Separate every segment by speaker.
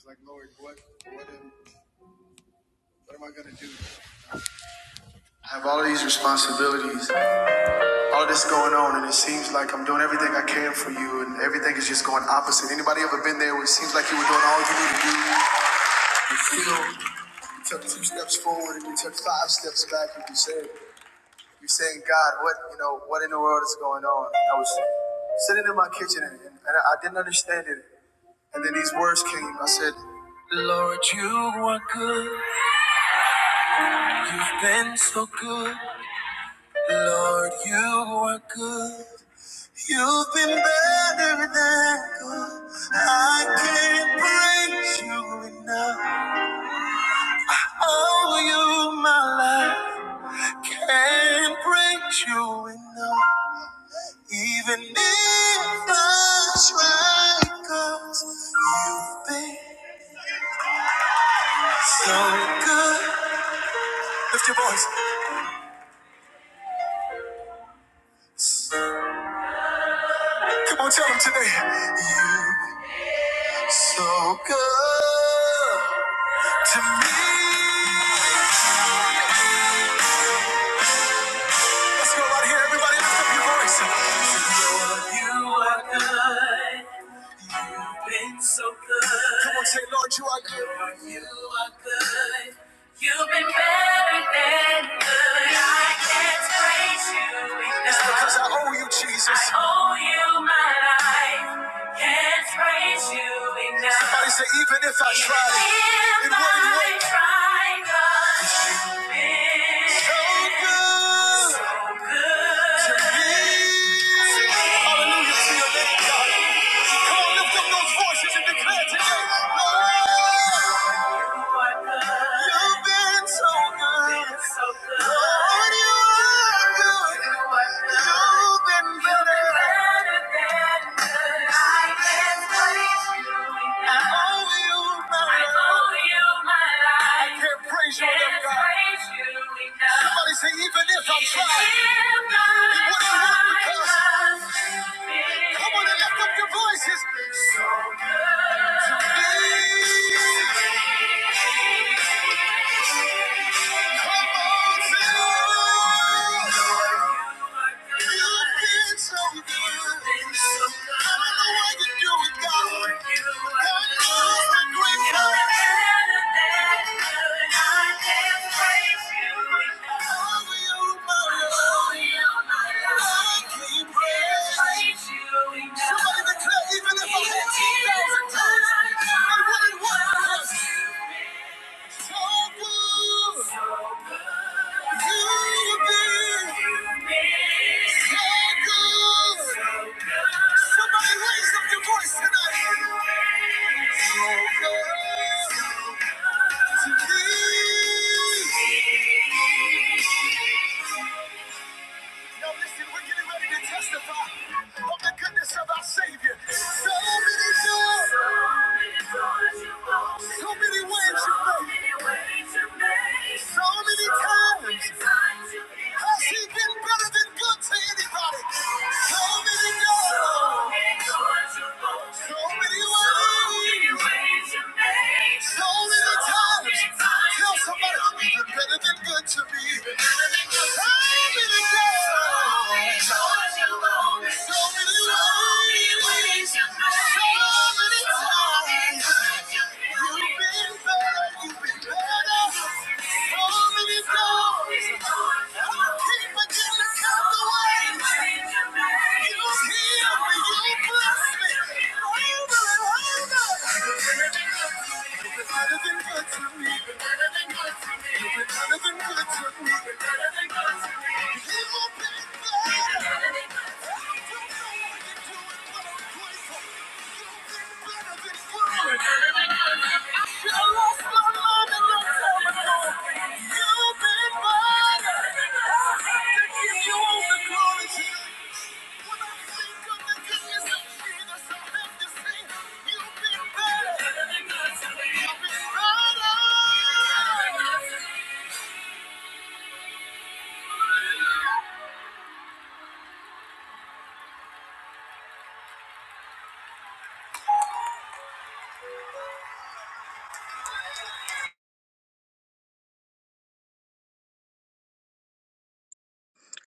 Speaker 1: It's like, Lord, what, what, am, what am I going to do? I have all of these responsibilities, all this going on, and it seems like I'm doing everything I can for you, and everything is just going opposite. Anybody ever been there where it seems like you were doing all you need to do, and still you took two steps forward and you took five steps back, and you said, you're saying, God, what, you know, what in the world is going on? And I was sitting in my kitchen, and, and I didn't understand it. And then these words came. I said, Lord, you are good. You've been so good. Lord, you are good. You've been better than good. I can't praise you enough. Oh, you, my life, I can't praise you enough. Even if I try, you you've been so good. Lift your voice. Come on, tell them today. You so good. To me. Let's go right here, everybody. Lift up your voice. To know you are good. You've been so good. Come on, say, Lord, you are good. Lord, you are good. You've been better than good. I can't praise you enough. It's because I owe you, Jesus. I owe you my life. Can't praise you enough. Somebody say, even if I tried, it wouldn't work. Even God, you've been so good, so good to me. Hallelujah to your name, God. Come on, lift up those voices and declare today. Lord. You've been so good. Lord, you are good. You've been better than I can praise you. I owe you my life. I can't praise you enough, Somebody say, even if I try, it wouldn't work because. Come on and lift up your voices. So good to be. Somebody declare, even if I had 10,000 times, I wouldn't want to. So good. So good. You've been. You've been. So good. So good. Somebody raise up your voice tonight. So good to be. Now listen, we're getting ready to testify of the goodness of our Savior. So many doors, so many ways you made, so many times. Has He been better than good to anybody? So many doors, so many ways. so many ways you made. So many times, tell somebody you've been better than good to me. So many times, so many ways, so many times. You've been better, you've been better. So many times, I keep forgetting to count the Thank you.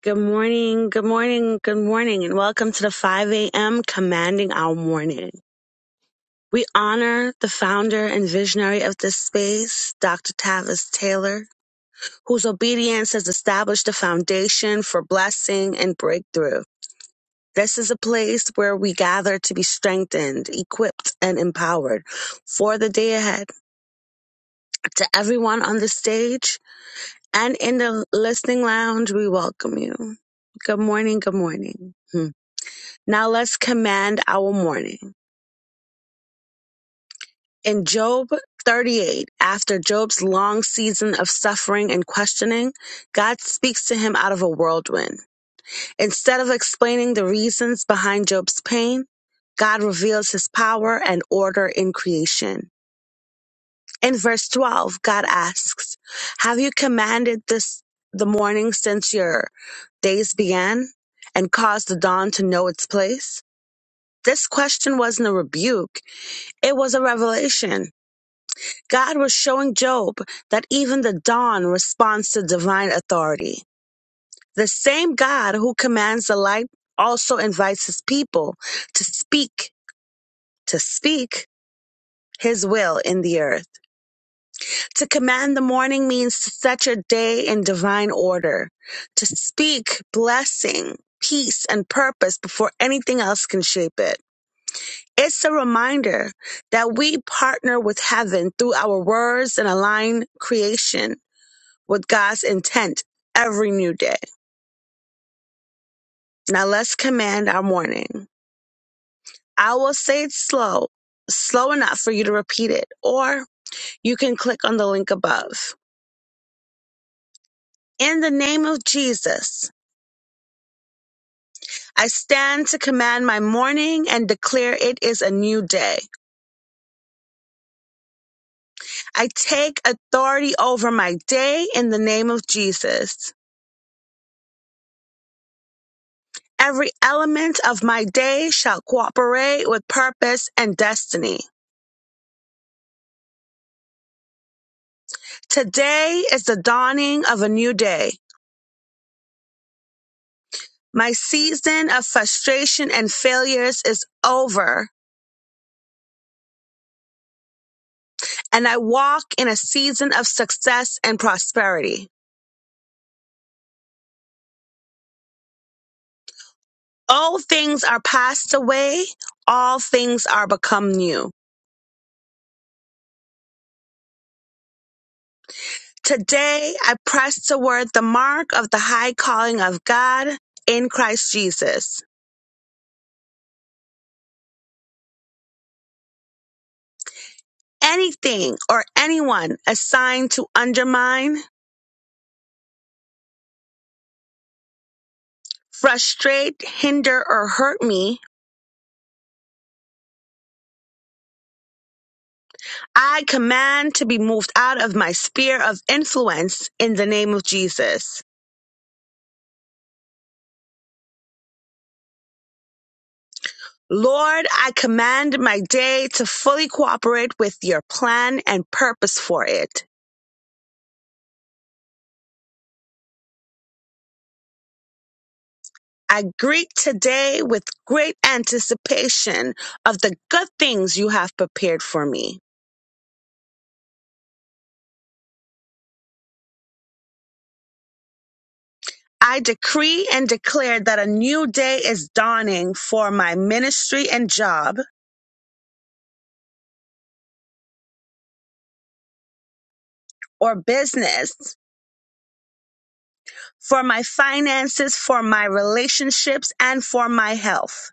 Speaker 2: Good morning, good morning, good morning, and welcome to the 5 a.m. Commanding Our Morning. We honor the founder and visionary of this space, Dr. Tavis Taylor, whose obedience has established the foundation for blessing and breakthrough. This is a place where we gather to be strengthened, equipped, and empowered for the day ahead. To everyone on the stage and in the listening lounge, we welcome you. Good morning, good morning. Now let's command our morning. In Job 38, after Job's long season of suffering and questioning, God speaks to him out of a whirlwind. Instead of explaining the reasons behind Job's pain, God reveals his power and order in creation. In verse 12, God asks, Have you commanded this the morning since your days began and caused the dawn to know its place? This question wasn't a rebuke It was a revelation. God was showing Job that even the dawn responds to divine authority. The same God who commands the light also invites his people to speak, to speak his will in the earth. To command the morning means to set your day in divine order, to speak blessing, peace, and purpose before anything else can shape it. It's a reminder that we partner with heaven through our words and align creation with God's intent every new day. Now let's command our morning. I will say it slow, slow enough for you to repeat it, or you can click on the link above. In the name of Jesus, I stand to command my morning and declare it is a new day. I take authority over my day in the name of Jesus. Every element of my day shall cooperate with purpose and destiny. Today is the dawning of a new day. My season of frustration and failures is over, and I walk in a season of success and prosperity. All things are passed away, all things are become new. Today I press toward the mark of the high calling of God in Christ Jesus. anything or anyone assigned to undermine, frustrate, hinder, or hurt me, I command to be moved out of my sphere of influence in the name of Jesus. Lord, I command my day to fully cooperate with your plan and purpose for it. I greet today with great anticipation of the good things you have prepared for me. I decree and declare that a new day is dawning for my ministry and job or business, for my finances, for my relationships, and for my health.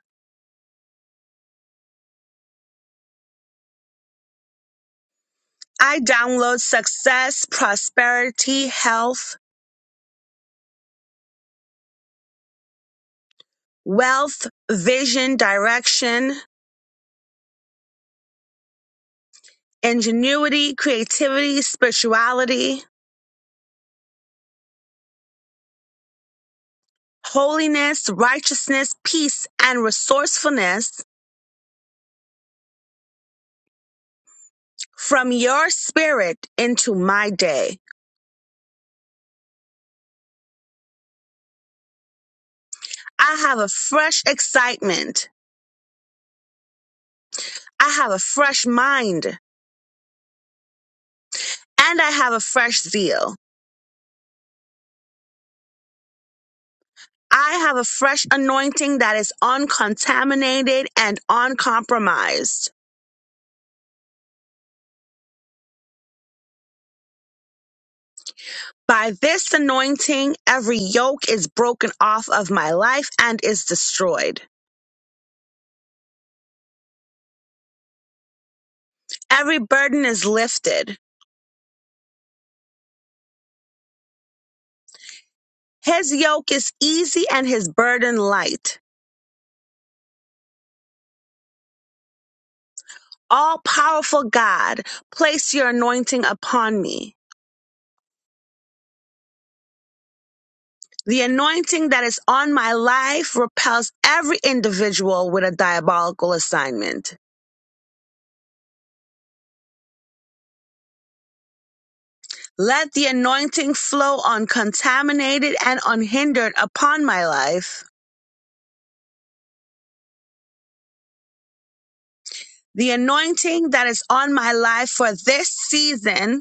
Speaker 2: I download success, prosperity, health, wealth, vision, direction, ingenuity, creativity, spirituality, holiness, righteousness, peace, and resourcefulness from your spirit into my day. I have a fresh excitement. I have a fresh mind and I have a fresh zeal. I have a fresh anointing that is uncontaminated and uncompromised. By this anointing, every yoke is broken off of my life and is destroyed. Every burden is lifted. His yoke is easy and his burden light. All powerful God, place your anointing upon me. The anointing that is on my life repels every individual with a diabolical assignment. Let the anointing flow uncontaminated and unhindered upon my life. The anointing that is on my life for this season,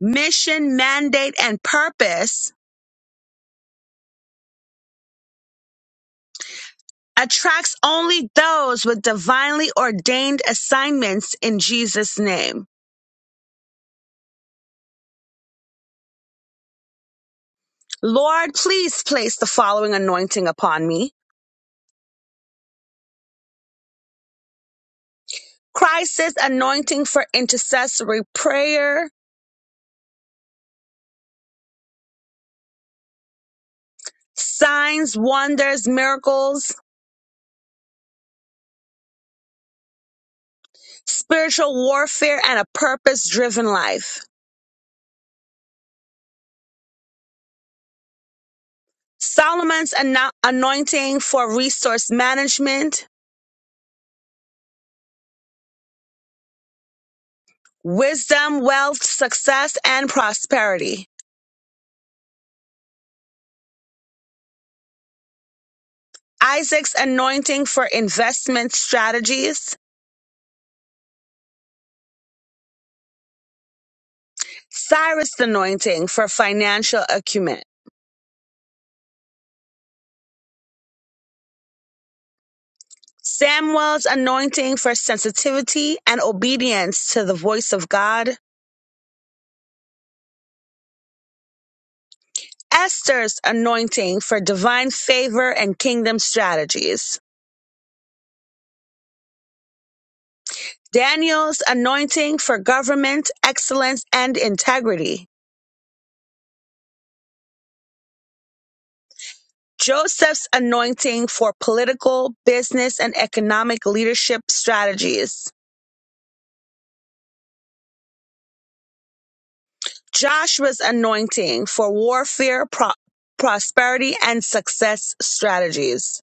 Speaker 2: mission, mandate, and purpose attracts only those with divinely ordained assignments in Jesus' name. Lord, please place the following anointing upon me crisis anointing for intercessory prayer, signs, wonders, miracles, spiritual warfare, and a purpose driven life. Solomon's ano- anointing for resource management, wisdom, wealth, success, and prosperity. Isaac's anointing for investment strategies, Cyrus' anointing for financial acumen, Samuel's anointing for sensitivity and obedience to the voice of God, Esther's anointing for divine favor and kingdom strategies. Daniel's anointing for government, excellence, and integrity. Joseph's anointing for political, business, and economic leadership strategies. Joshua's anointing for warfare, pro- prosperity, and success strategies.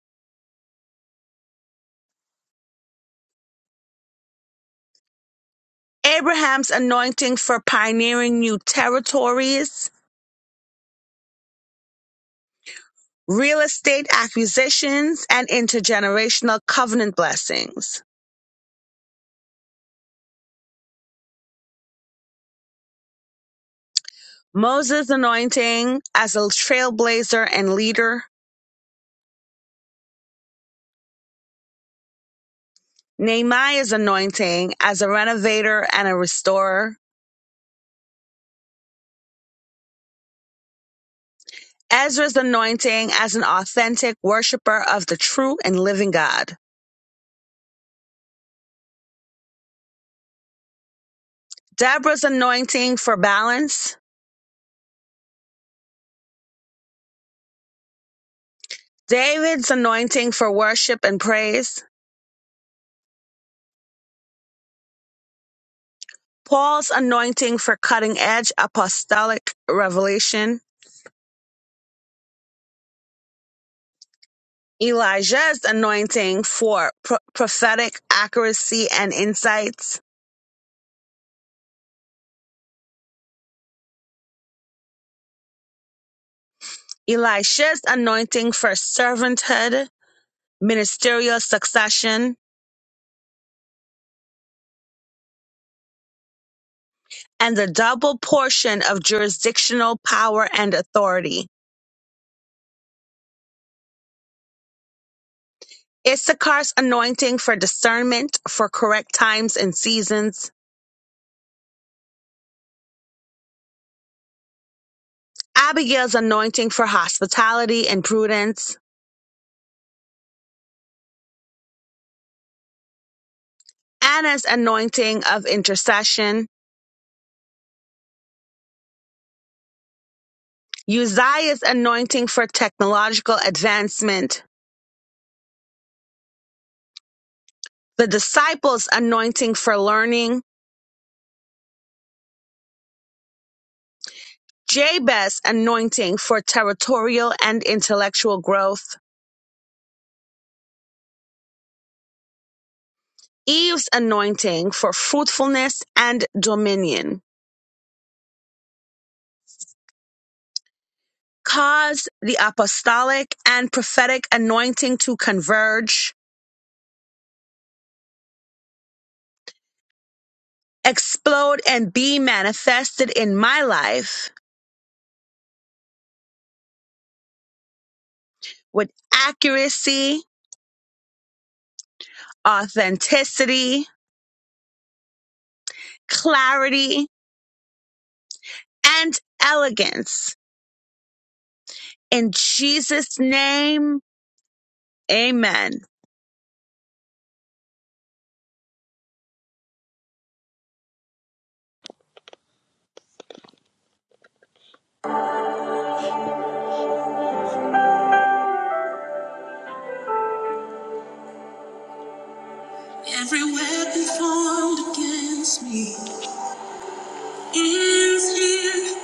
Speaker 2: Abraham's anointing for pioneering new territories. real estate acquisitions, and intergenerational covenant blessings. Moses' anointing as a trailblazer and leader. Nehemiah's anointing as a renovator and a restorer. Ezra's anointing as an authentic worshiper of the true and living God. Deborah's anointing for balance. David's anointing for worship and praise. Paul's anointing for cutting edge apostolic revelation. Elijah's anointing for pro- prophetic accuracy and insights, Elisha's anointing for servanthood, ministerial succession, and the double portion of jurisdictional power and authority. Issachar's anointing for discernment for correct times and seasons, Abigail's anointing for hospitality and prudence, Anna's anointing of intercession, Uzziah's anointing for technological advancement, the disciples' anointing for learning, Jabez's anointing for territorial and intellectual growth, Eve's anointing for fruitfulness and dominion. Cause the apostolic and prophetic anointing to converge, explode, and be manifested in my life with accuracy, authenticity, clarity, and elegance. In Jesus' name, amen.
Speaker 3: Every weapon formed against me ends here.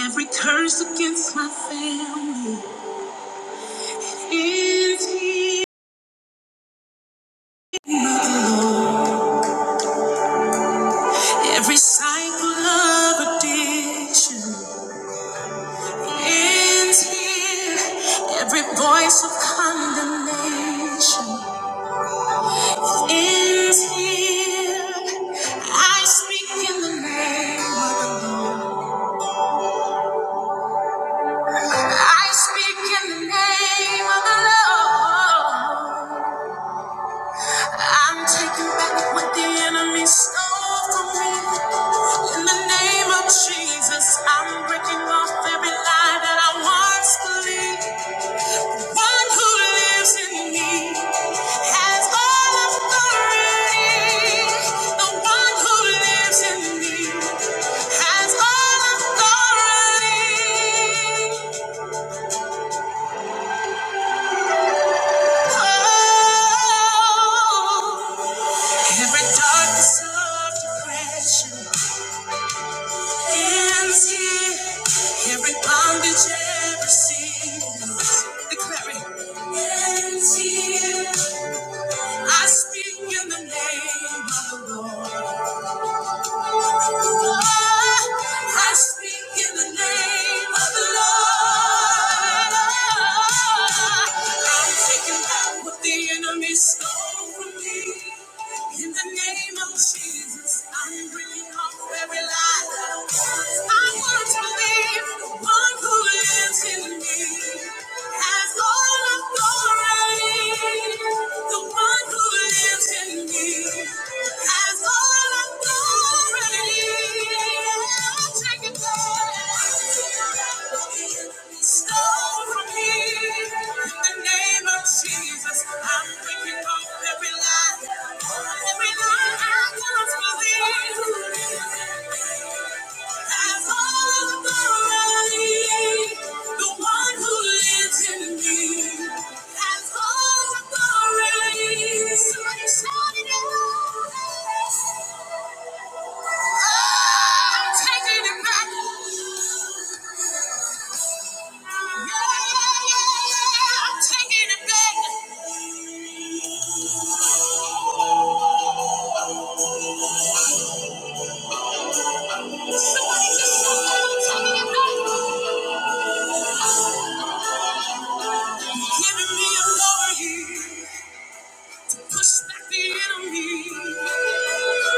Speaker 3: Every curse against my family ends here. Every cycle of addiction ends here. Every voice of condemnation ends here. I speak in the name of the Lord. I speak in the name of the Lord. I'm taking back what the enemy stole from me. In the name of Jesus, I'm breaking off every lie that I once believed. One who lives in me has all authority. The one who lives in me has all authority. Oh, every darkness of depression. Ends here. Every bondage, every sin, declaring ends here. I speak in the name of the Lord. I speak in the name of the Lord. I'm taking back what the enemy stole from me. In the name of Jesus, I'm bringing up every lie. I want to live the one who lives in me. Has all authority. The one who lives in me. Has all authority. Jesus, I'm breaking off every lie, every lie I once believed. Has all authority, the one who lives in me. Has all authority, somebody shout it out. I'm taking it back. Yeah, yeah, yeah, yeah. I'm taking it back. Somebody just shout out, I'm it back. Giving me authority. Push back the enemy.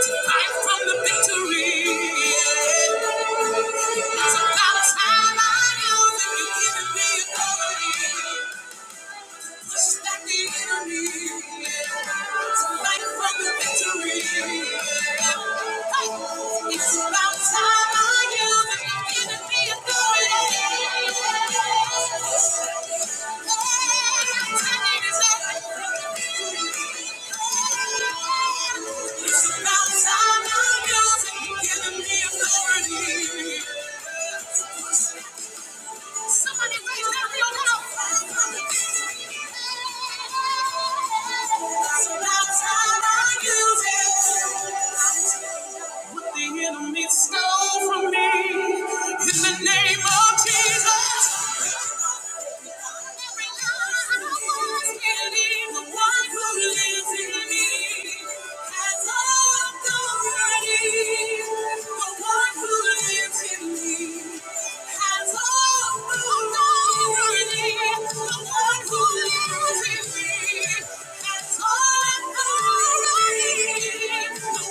Speaker 3: To fight from the victory. It's about time I knew that you're giving me authority. It's about time I'm using, giving me authority. Somebody raise that real loud. It's About time I use it. What the enemy stole from me. In the name of Jesus. The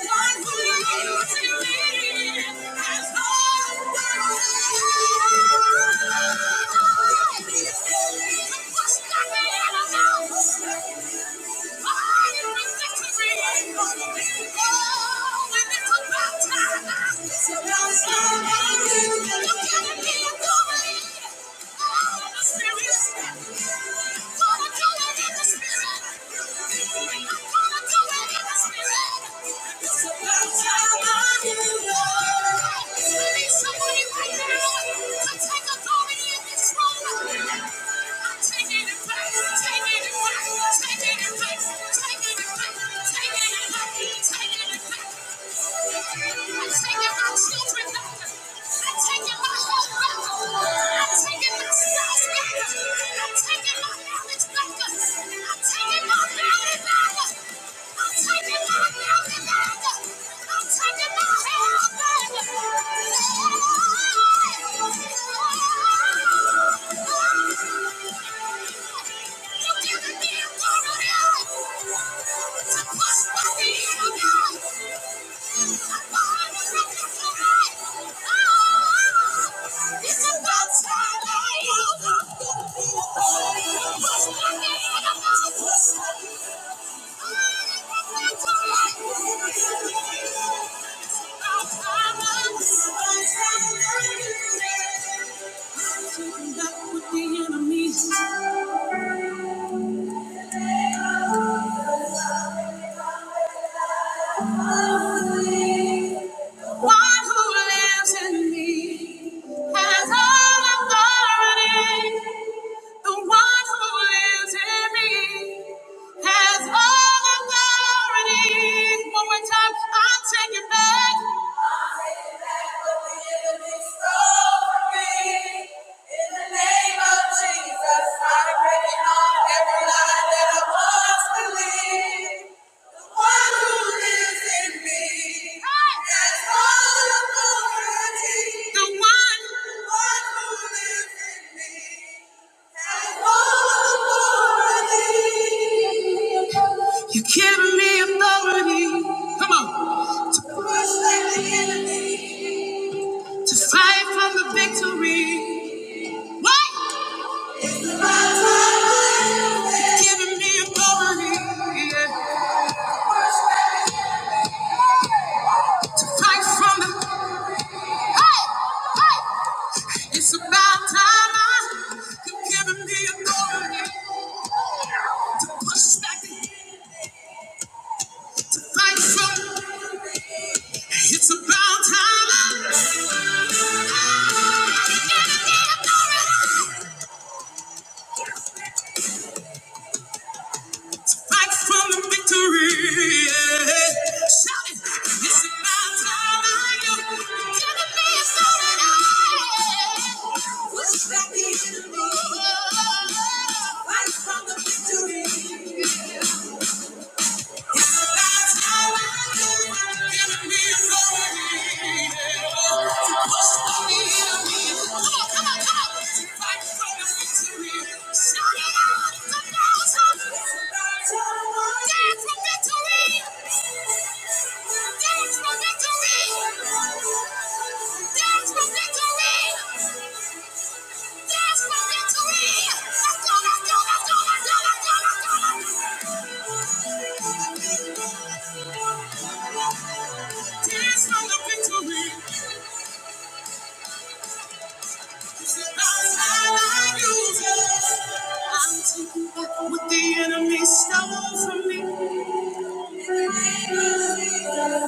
Speaker 3: one Thank you. Take it back. Take it back. Take it back. Take it back. Take it back. What's the Thank you. Taking back what the enemy One who lives in me has all authority. The one who lives in me has all authority. One more time, I'll take it back. You go to fight for the victory. What? Giving me authority yeah, to fight from the. Hey, hey! It's about time I. you giving me authority to push back, to fight from. Shout it. This is my time. I am gonna be so tonight. Push back the enemy. Fight from the victory. Victory! Dance for victory! Yes, for victory! Let's go, let's go, let's go, Dance for the victory! This is the I use it. I'm back what the enemy stole from me. It's gonna manifest. It's gonna manifest.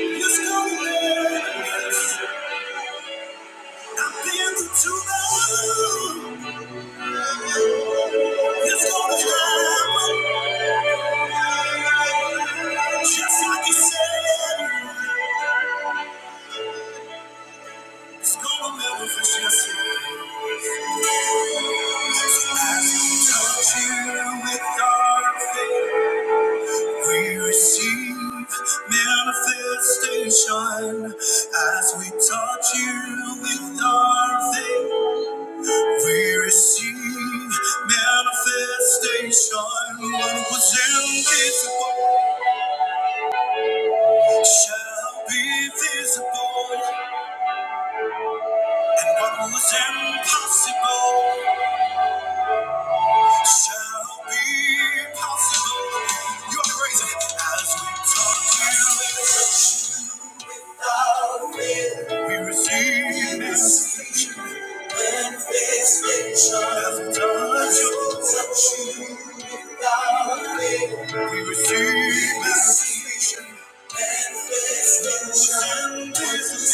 Speaker 3: It's gonna manifest. I've been through too much. It's gonna happen. Just like you said, it's gonna manifest, yes, it is. As you touch here with our faith, we receive manifestation. As we touch you with our faith, we receive manifestation. What was invisible shall be visible. And what was impossible shall be possible. You're praising as we talk to you. We receive this manifestation. As we touch you, we receive this. And this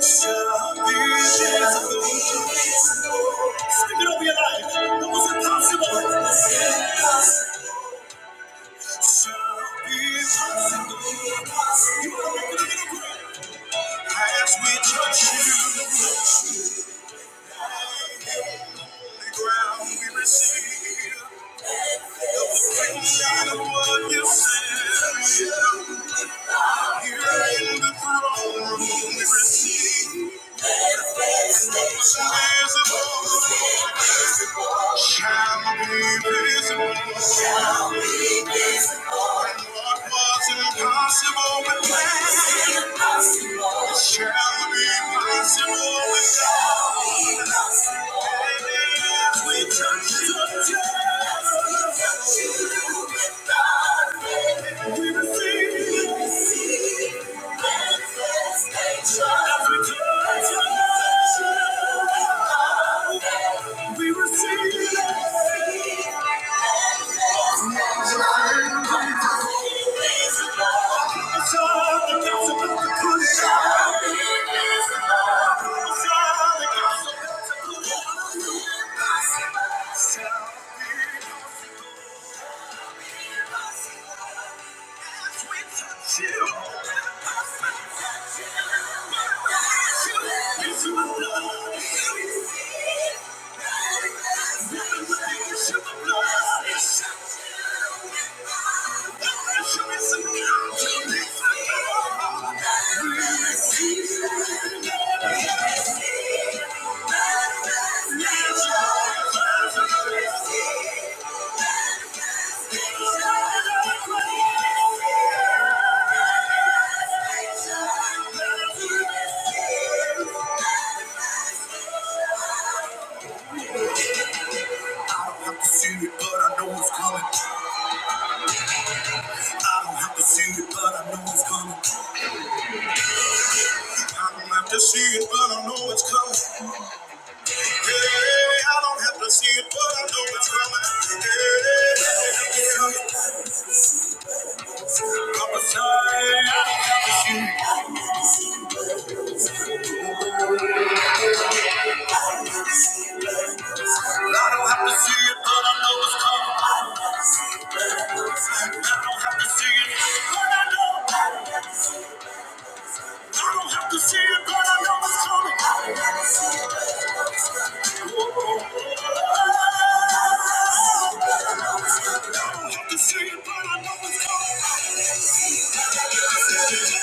Speaker 3: shall be visible. Speak it over your life. What was impossible shall be possible. Make it a little greater. As we touch you, the ground we receive, help us bring out of what you said. Here in the throne room, we receive. Shall be visible. Shall be visible. And what was impossible with man impossible. shall be possible with God. And if we touch you, touch you with God, we receive. It's all the up. Show me it's coming. I don't have to see it, but I know it's coming. I don't have to see it, but I know it's coming. Yeah, I don't have to see it, but I know it's coming. Yeah, I'm a sign. I don't have to see it, but I know it's coming. I don't have to see it, but I know. I don't have to see it, but I know it's coming. Ooh. I don't have to see it, but I know it's coming. Yes, over here.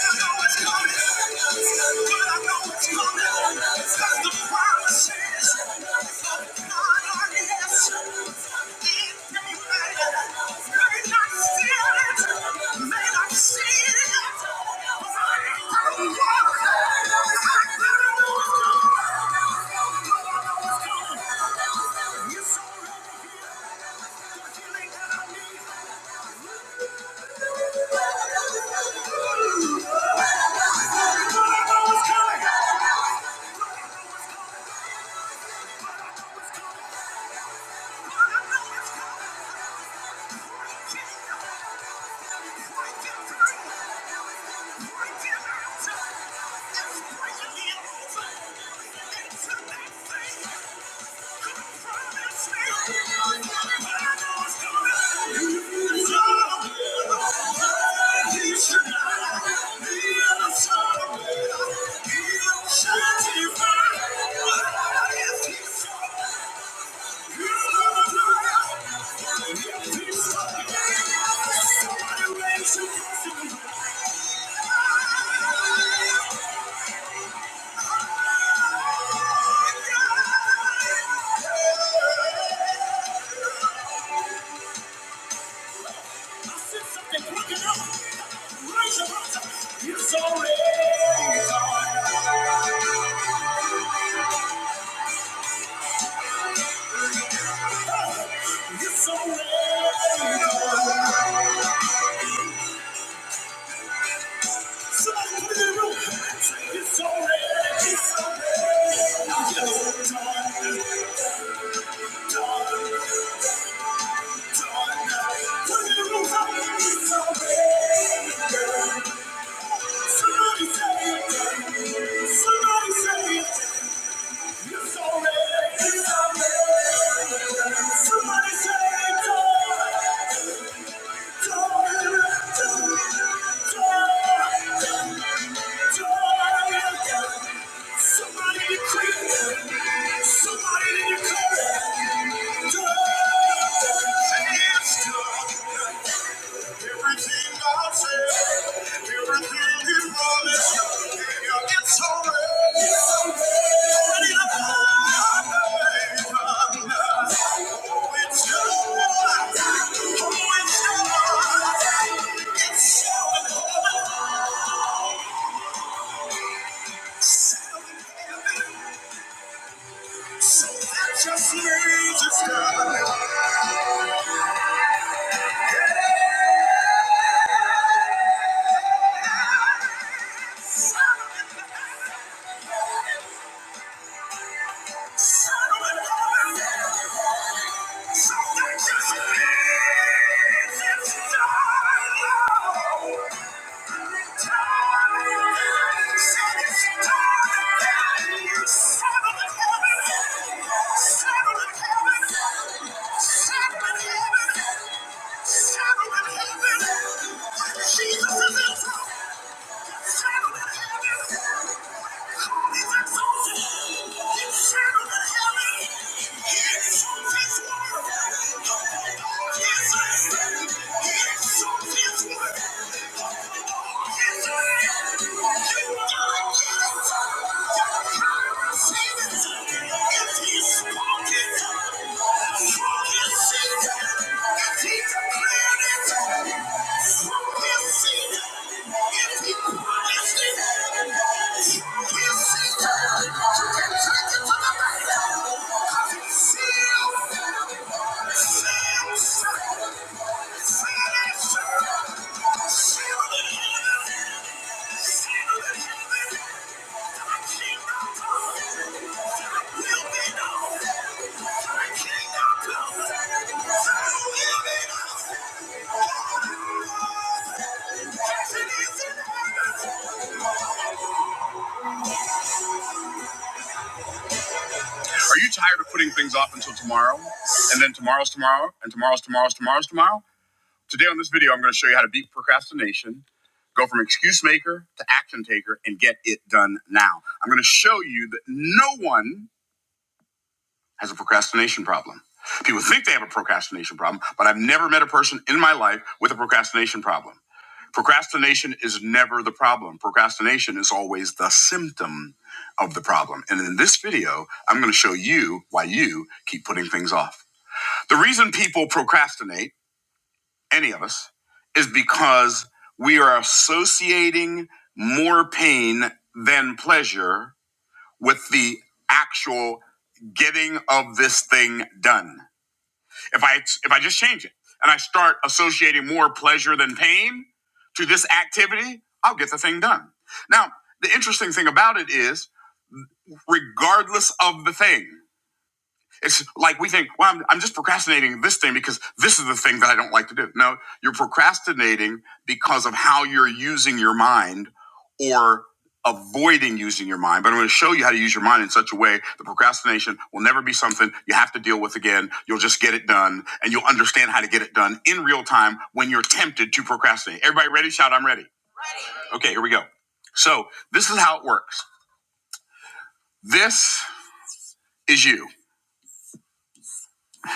Speaker 3: The healing that I need. Somebody raise your voice. Somebody say it's already. Somebody say it's already. Thank you. So I just need to stop. So I just need to stop. Jesus is in trouble. Thank you. Seal, seal, seal. Are you tired of putting things off until tomorrow, and then tomorrow's tomorrow, and tomorrow's tomorrow's tomorrow's tomorrow? Today on this video, I'm going to show you how to beat procrastination Go from excuse maker to action taker and get it done now. I'm going to show you that no one has a procrastination problem. People think they have a procrastination problem, but I've never met a person in my life with a procrastination problem. Procrastination is never the problem. Procrastination is always the symptom of the problem. And in this video, I'm going to show you why you keep putting things off. The reason people procrastinate any of us, is because we are associating more pain than pleasure with the actual getting of this thing done. If I if I just change it and I start associating more pleasure than pain to this activity, I'll get the thing done. Now, the interesting thing about it is regardless of the thing. It's like we think, well, I'm, I'm just procrastinating this thing because this is the thing that I don't like to do. No, you're procrastinating because of how you're using your mind or avoiding using your mind. But I'm going to show you how to use your mind in such a way that procrastination will never be something you have to deal with again. You'll just get it done and you'll understand how to get it done in real time when you're tempted to procrastinate. Everybody ready? Shout, I'm ready. Okay, here we go. So this is how it works. This is you.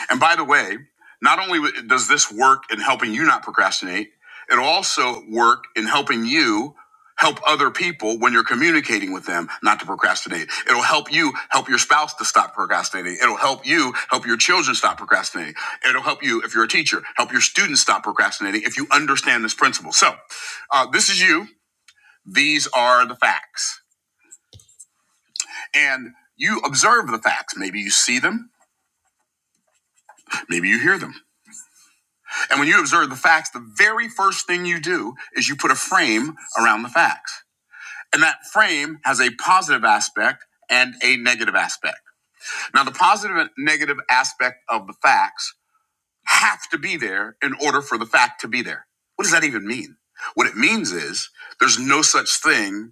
Speaker 3: And by the way, not only does this work in helping you not procrastinate, it'll also work in helping you help other people when you're communicating with them not to procrastinate. It'll help you help your spouse to stop procrastinating. It'll help you help your children stop procrastinating. It'll help you, if you're a teacher, help your students stop procrastinating if you understand this principle. So, uh, this is you. These are the facts. And you observe the facts. Maybe you see them, maybe you hear them. And when you observe the facts, the very first thing you do is you put a frame around the facts. And that frame has a positive aspect and a negative aspect. Now, the positive and negative aspect of the facts have to be there in order for the fact to be there. What does that even mean? What it means is there's no such thing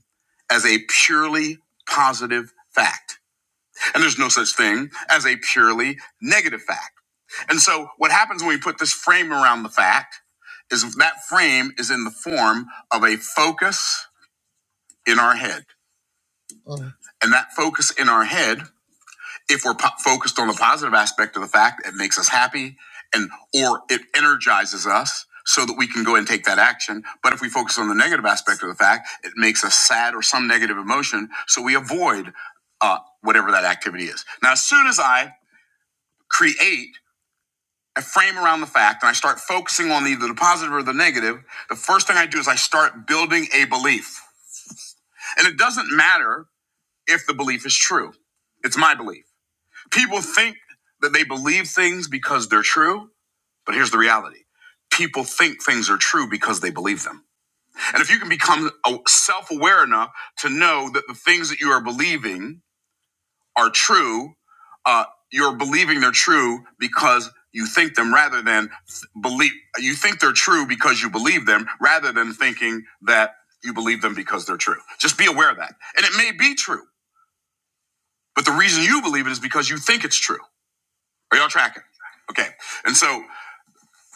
Speaker 3: as a purely positive fact. And there's no such thing as a purely negative fact. And so what happens when we put this frame around the fact is that frame is in the form of a focus in our head. And that focus in our head, if we're po- focused on the positive aspect of the fact, it makes us happy and or it energizes us so that we can go and take that action. But if we focus on the negative aspect of the fact, it makes us sad or some negative emotion, so we avoid uh, whatever that activity is. Now, as soon as I create I frame around the fact and I start focusing on either the positive or the negative, the first thing I do is I start building a belief. And it doesn't matter if the belief is true, it's my belief. People think that they believe things because they're true, but here's the reality people think things are true because they believe them. And if you can become self aware enough to know that the things that you are believing, are true, uh, you're believing they're true because you think them rather than believe you think they're true because you believe them rather than thinking that you believe them because they're true. Just be aware of that. And it may be true, but the reason you believe it is because you think it's true. Are y'all tracking? Okay. And so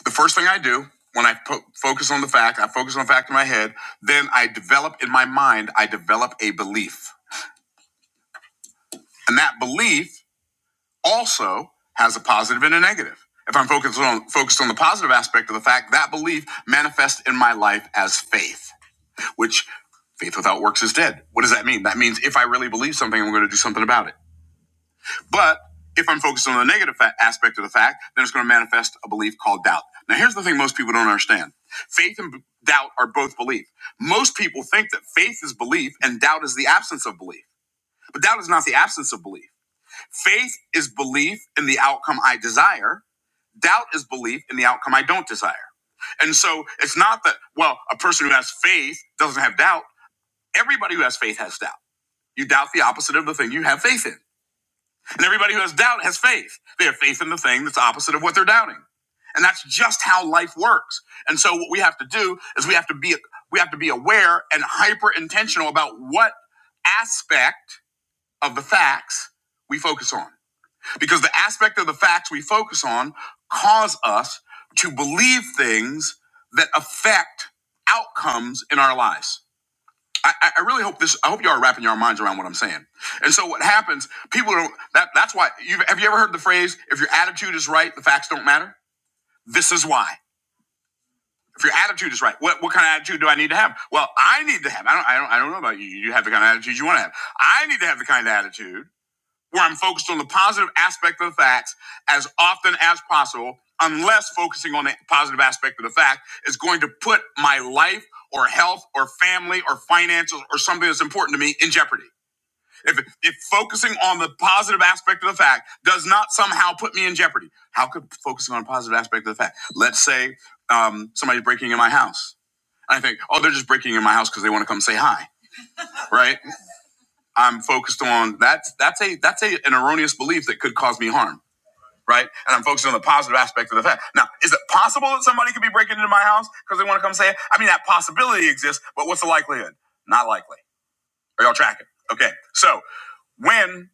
Speaker 3: the first thing I do when I po- focus on the fact, I focus on the fact in my head, then I develop in my mind, I develop a belief. And that belief also has a positive and a negative. If I'm focused on focused on the positive aspect of the fact, that belief manifests in my life as faith, which faith without works is dead. What does that mean? That means if I really believe something, I'm going to do something about it. But if I'm focused on the negative fa- aspect of the fact, then it's going to manifest a belief called doubt. Now, here's the thing most people don't understand. Faith and b- doubt are both belief. Most people think that faith is belief and doubt is the absence of belief. But doubt is not the absence of belief. Faith is belief in the outcome I desire. Doubt is belief in the outcome I don't desire. And so it's not that, well, a person who has faith doesn't have doubt. Everybody who has faith has doubt. You doubt the opposite of the thing you have faith in. And everybody who has doubt has faith. They have faith in the thing that's opposite of what they're doubting. And that's just how life works. And so what we have to do is we have to be we have to be aware and hyper intentional about what aspect of the facts we focus on because the aspect of the facts we focus on cause us to believe things that affect outcomes in our lives. I, I I really hope this. I hope you are wrapping your minds around what I'm saying. And so, what happens? People don't. That, that's why. You've, have you ever heard the phrase? If your attitude is right, the facts don't matter. This is why. If your attitude is right, what, what kind of attitude do I need to have? Well, I need to have. I don't. I don't. I don't know about you. You have the kind of attitude you want to have. I need to have the kind of attitude where I'm focused on the positive aspect of the facts as often as possible, unless focusing on the positive aspect of the fact is going to put my life or health or family or finances or something that's important to me in jeopardy. If, if focusing on the positive aspect of the fact does not somehow put me in jeopardy, how could focusing on a positive aspect of the fact? Let's say um, somebody's breaking in my house. I think, oh, they're just breaking in my house because they want to come say hi, right? I'm focused on that's that's a that's a an erroneous belief that could cause me harm, right? And I'm focused on the positive aspect of the fact. Now, is it possible that somebody could be breaking into my house because they want to come say it? I mean, that possibility exists, but what's the likelihood? Not likely. Are y'all tracking? Okay. So when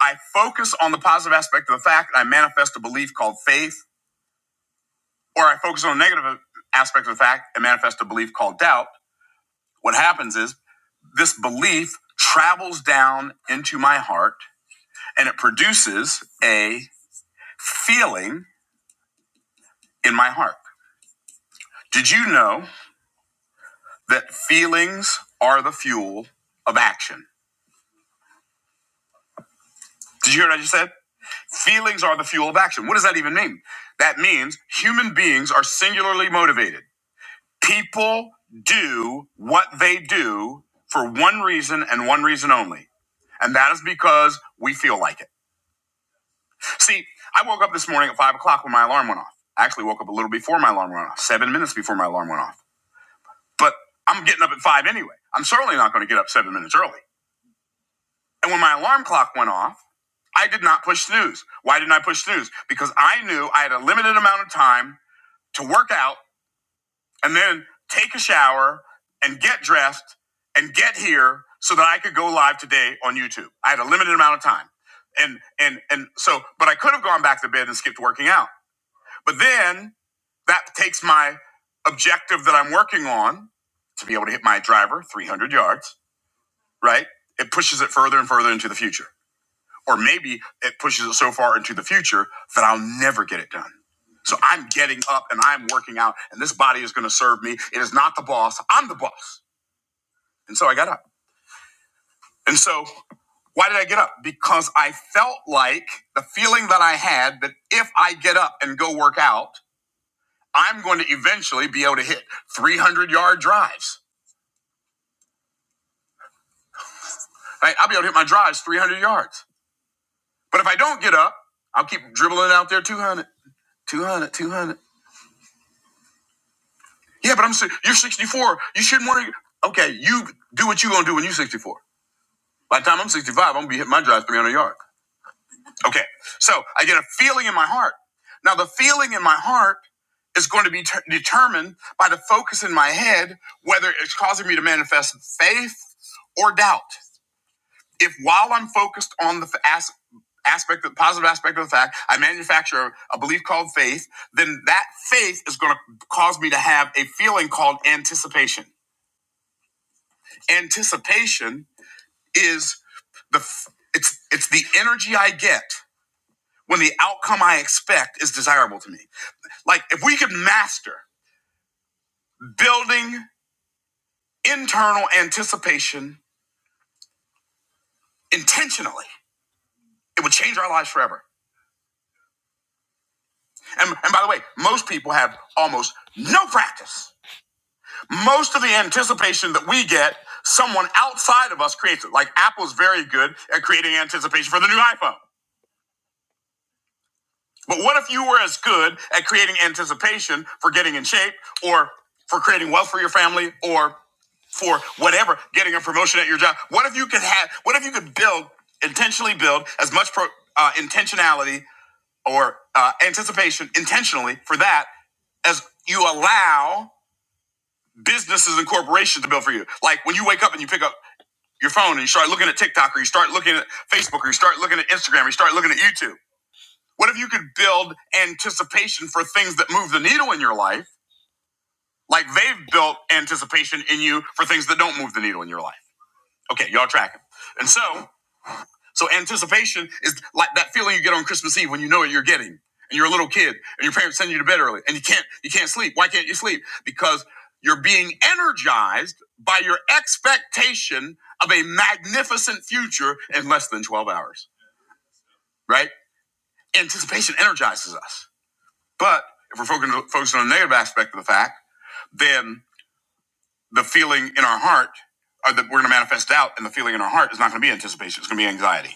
Speaker 3: I focus on the positive aspect of the fact, I manifest a belief called faith, or I focus on the negative aspect of the fact and manifest a belief called doubt. What happens is this belief travels down into my heart and it produces a feeling in my heart. Did you know that feelings are the fuel of action? Did you hear what I just said? Feelings are the fuel of action. What does that even mean? That means human beings are singularly motivated. People do what they do for one reason and one reason only, and that is because we feel like it. See, I woke up this morning at five o'clock when my alarm went off. I actually woke up a little before my alarm went off, seven minutes before my alarm went off. but I'm getting up at five anyway. I'm certainly not going to get up seven minutes early. And when my alarm clock went off, I did not push snooze. Why didn't I push snooze? Because I knew I had a limited amount of time to work out and then take a shower and get dressed and get here so that I could go live today on YouTube. I had a limited amount of time. And and and so but I could have gone back to bed and skipped working out. But then that takes my objective that I'm working on to be able to hit my driver 300 yards right? It pushes it further and further into the future. Or maybe it pushes it so far into the future that I'll never get it done. So I'm getting up and I'm working out, and this body is going to serve me. It is not the boss, I'm the boss. And so I got up. And so why did I get up? Because I felt like the feeling that I had that if I get up and go work out, I'm going to eventually be able to hit 300 yard drives. Right? I'll be able to hit my drives 300 yards. But if I don't get up, I'll keep dribbling out there 200. 200, 200. Yeah, but I'm si- you're 64. You shouldn't want to. Okay, you do what you gonna do when you're 64. By the time I'm 65, I'm gonna be hitting my drive 300 yards. Okay, so I get a feeling in my heart. Now the feeling in my heart is going to be ter- determined by the focus in my head, whether it's causing me to manifest faith or doubt. if while I'm focused on the as, aspect, the positive aspect of the fact, I manufacture a, a belief called faith, then that faith is going to cause me to have a feeling called anticipation. Anticipation is the it's it's the energy I get when the outcome I expect is desirable to me. Like if we could master building internal anticipation intentionally, it would change our lives forever. And, and by the way, most people have almost no practice most of the anticipation that we get, someone outside of us creates it. Like Apple's very good at creating anticipation for the new iPhone. But what if you were as good at creating anticipation for getting in shape or for creating wealth for your family or for whatever, getting a promotion at your job? What if you could have, what if you could build, intentionally build as much pro, uh, intentionality or uh, anticipation intentionally for that as you allow businesses and corporations to build for you. Like when you wake up and you pick up. your phone and you start looking at TikTok or you start looking at Facebook or you start looking at Instagram or you start looking at YouTube? What if you could build anticipation for things that move the needle in your life, like they've built anticipation in you for things that don't move the needle in your life? Okay, y'all tracking. And so so anticipation is like that feeling you get on Christmas Eve when you know what you're getting, and you're a little kid, and your parents send you to bed early, and you can't you can't sleep. Why can't you sleep? Because you're being energized by your expectation of a magnificent future in less than 12 hours, right? Anticipation energizes us. But if we're focusing, focusing on the negative aspect of the fact, then the feeling in our heart, or that we're going to manifest out, and the feeling in our heart is not going to be anticipation. It's going to be anxiety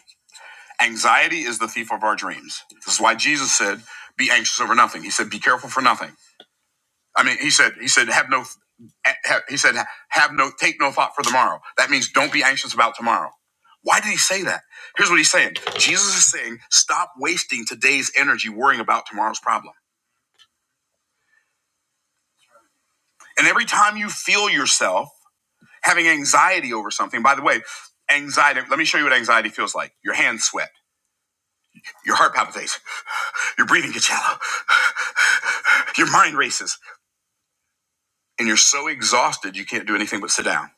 Speaker 3: Anxiety is the thief of our dreams. This is why Jesus said, "Be anxious over nothing." He said, "Be careful for nothing." I mean, he said, he said, "Have no," have, he said, "Have no, take no thought for tomorrow." That means don't be anxious about tomorrow. Why did he say that? Here's what he's saying. Jesus is saying, "Stop wasting today's energy worrying about tomorrow's problem." And every time you feel yourself having anxiety over something, by the way, anxiety. Let me show you what anxiety feels like. Your hands sweat. Your heart palpitates. Your breathing gets shallow. Your mind races. And you're so exhausted, you can't do anything but sit down.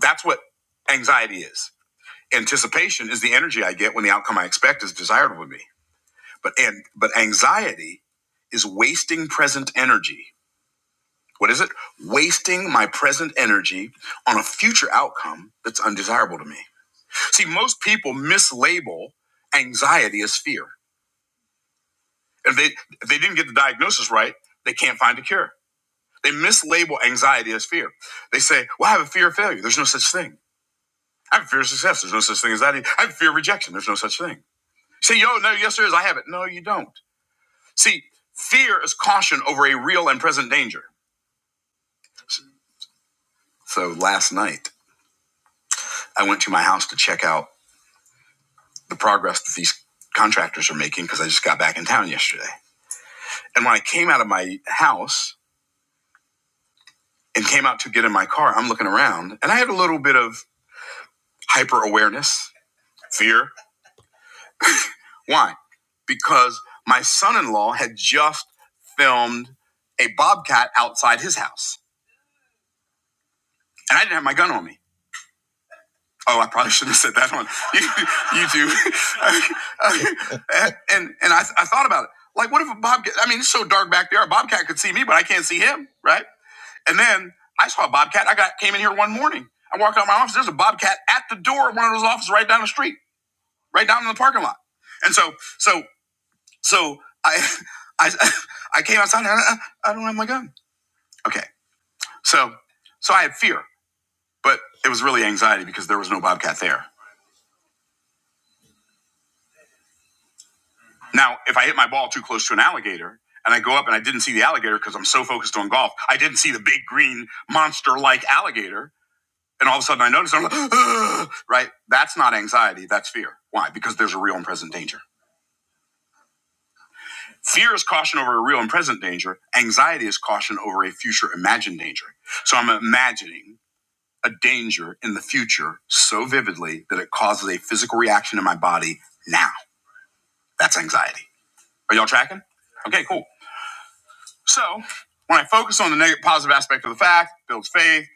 Speaker 3: That's what anxiety is. Anticipation is the energy I get when the outcome I expect is desired of me. But, and, but anxiety is wasting present energy. What is it? Wasting my present energy on a future outcome that's undesirable to me. See, most people mislabel anxiety as fear. If they, if they didn't get the diagnosis right, they can't find a cure. They mislabel anxiety as fear. They say, well, I have a fear of failure. There's no such thing. I have a fear of success. There's no such thing as that. I have a fear of rejection. There's no such thing. Say, yo, no, yes, there is. I have it. No, you don't. See, fear is caution over a real and present danger. So last night, I went to my house to check out the progress that these contractors are making because I just got back in town yesterday. And when I came out of my house and came out to get in my car, I'm looking around and I had a little bit of hyper awareness, fear. Why? Because my son in law had just filmed a bobcat outside his house, and I didn't have my gun on me. Oh, I probably shouldn't have said that on YouTube. and and I, I thought about it. Like, what if a bobcat? I mean, it's so dark back there. A bobcat could see me, but I can't see him, right? And then I saw a bobcat. I got came in here one morning. I walked out of my office. There's a bobcat at the door of one of those offices right down the street, right down in the parking lot. And so, so So I, I, I came outside. And I, I don't have my gun. Okay. So, so I had fear, but it was really anxiety because there was no bobcat there. Now, if I hit my ball too close to an alligator and I go up and I didn't see the alligator because I'm so focused on golf, I didn't see the big green monster-like alligator. And all of a sudden I notice I'm like, "Ugh," right? That's not anxiety. That's fear. Why? Because there's a real and present danger. Fear is caution over a real and present danger. Anxiety is caution over a future imagined danger. So I'm imagining a danger in the future so vividly that it causes a physical reaction in my body now. That's anxiety. Are y'all tracking? Okay, cool. So when I focus on the negative, positive aspect of the fact, builds faith,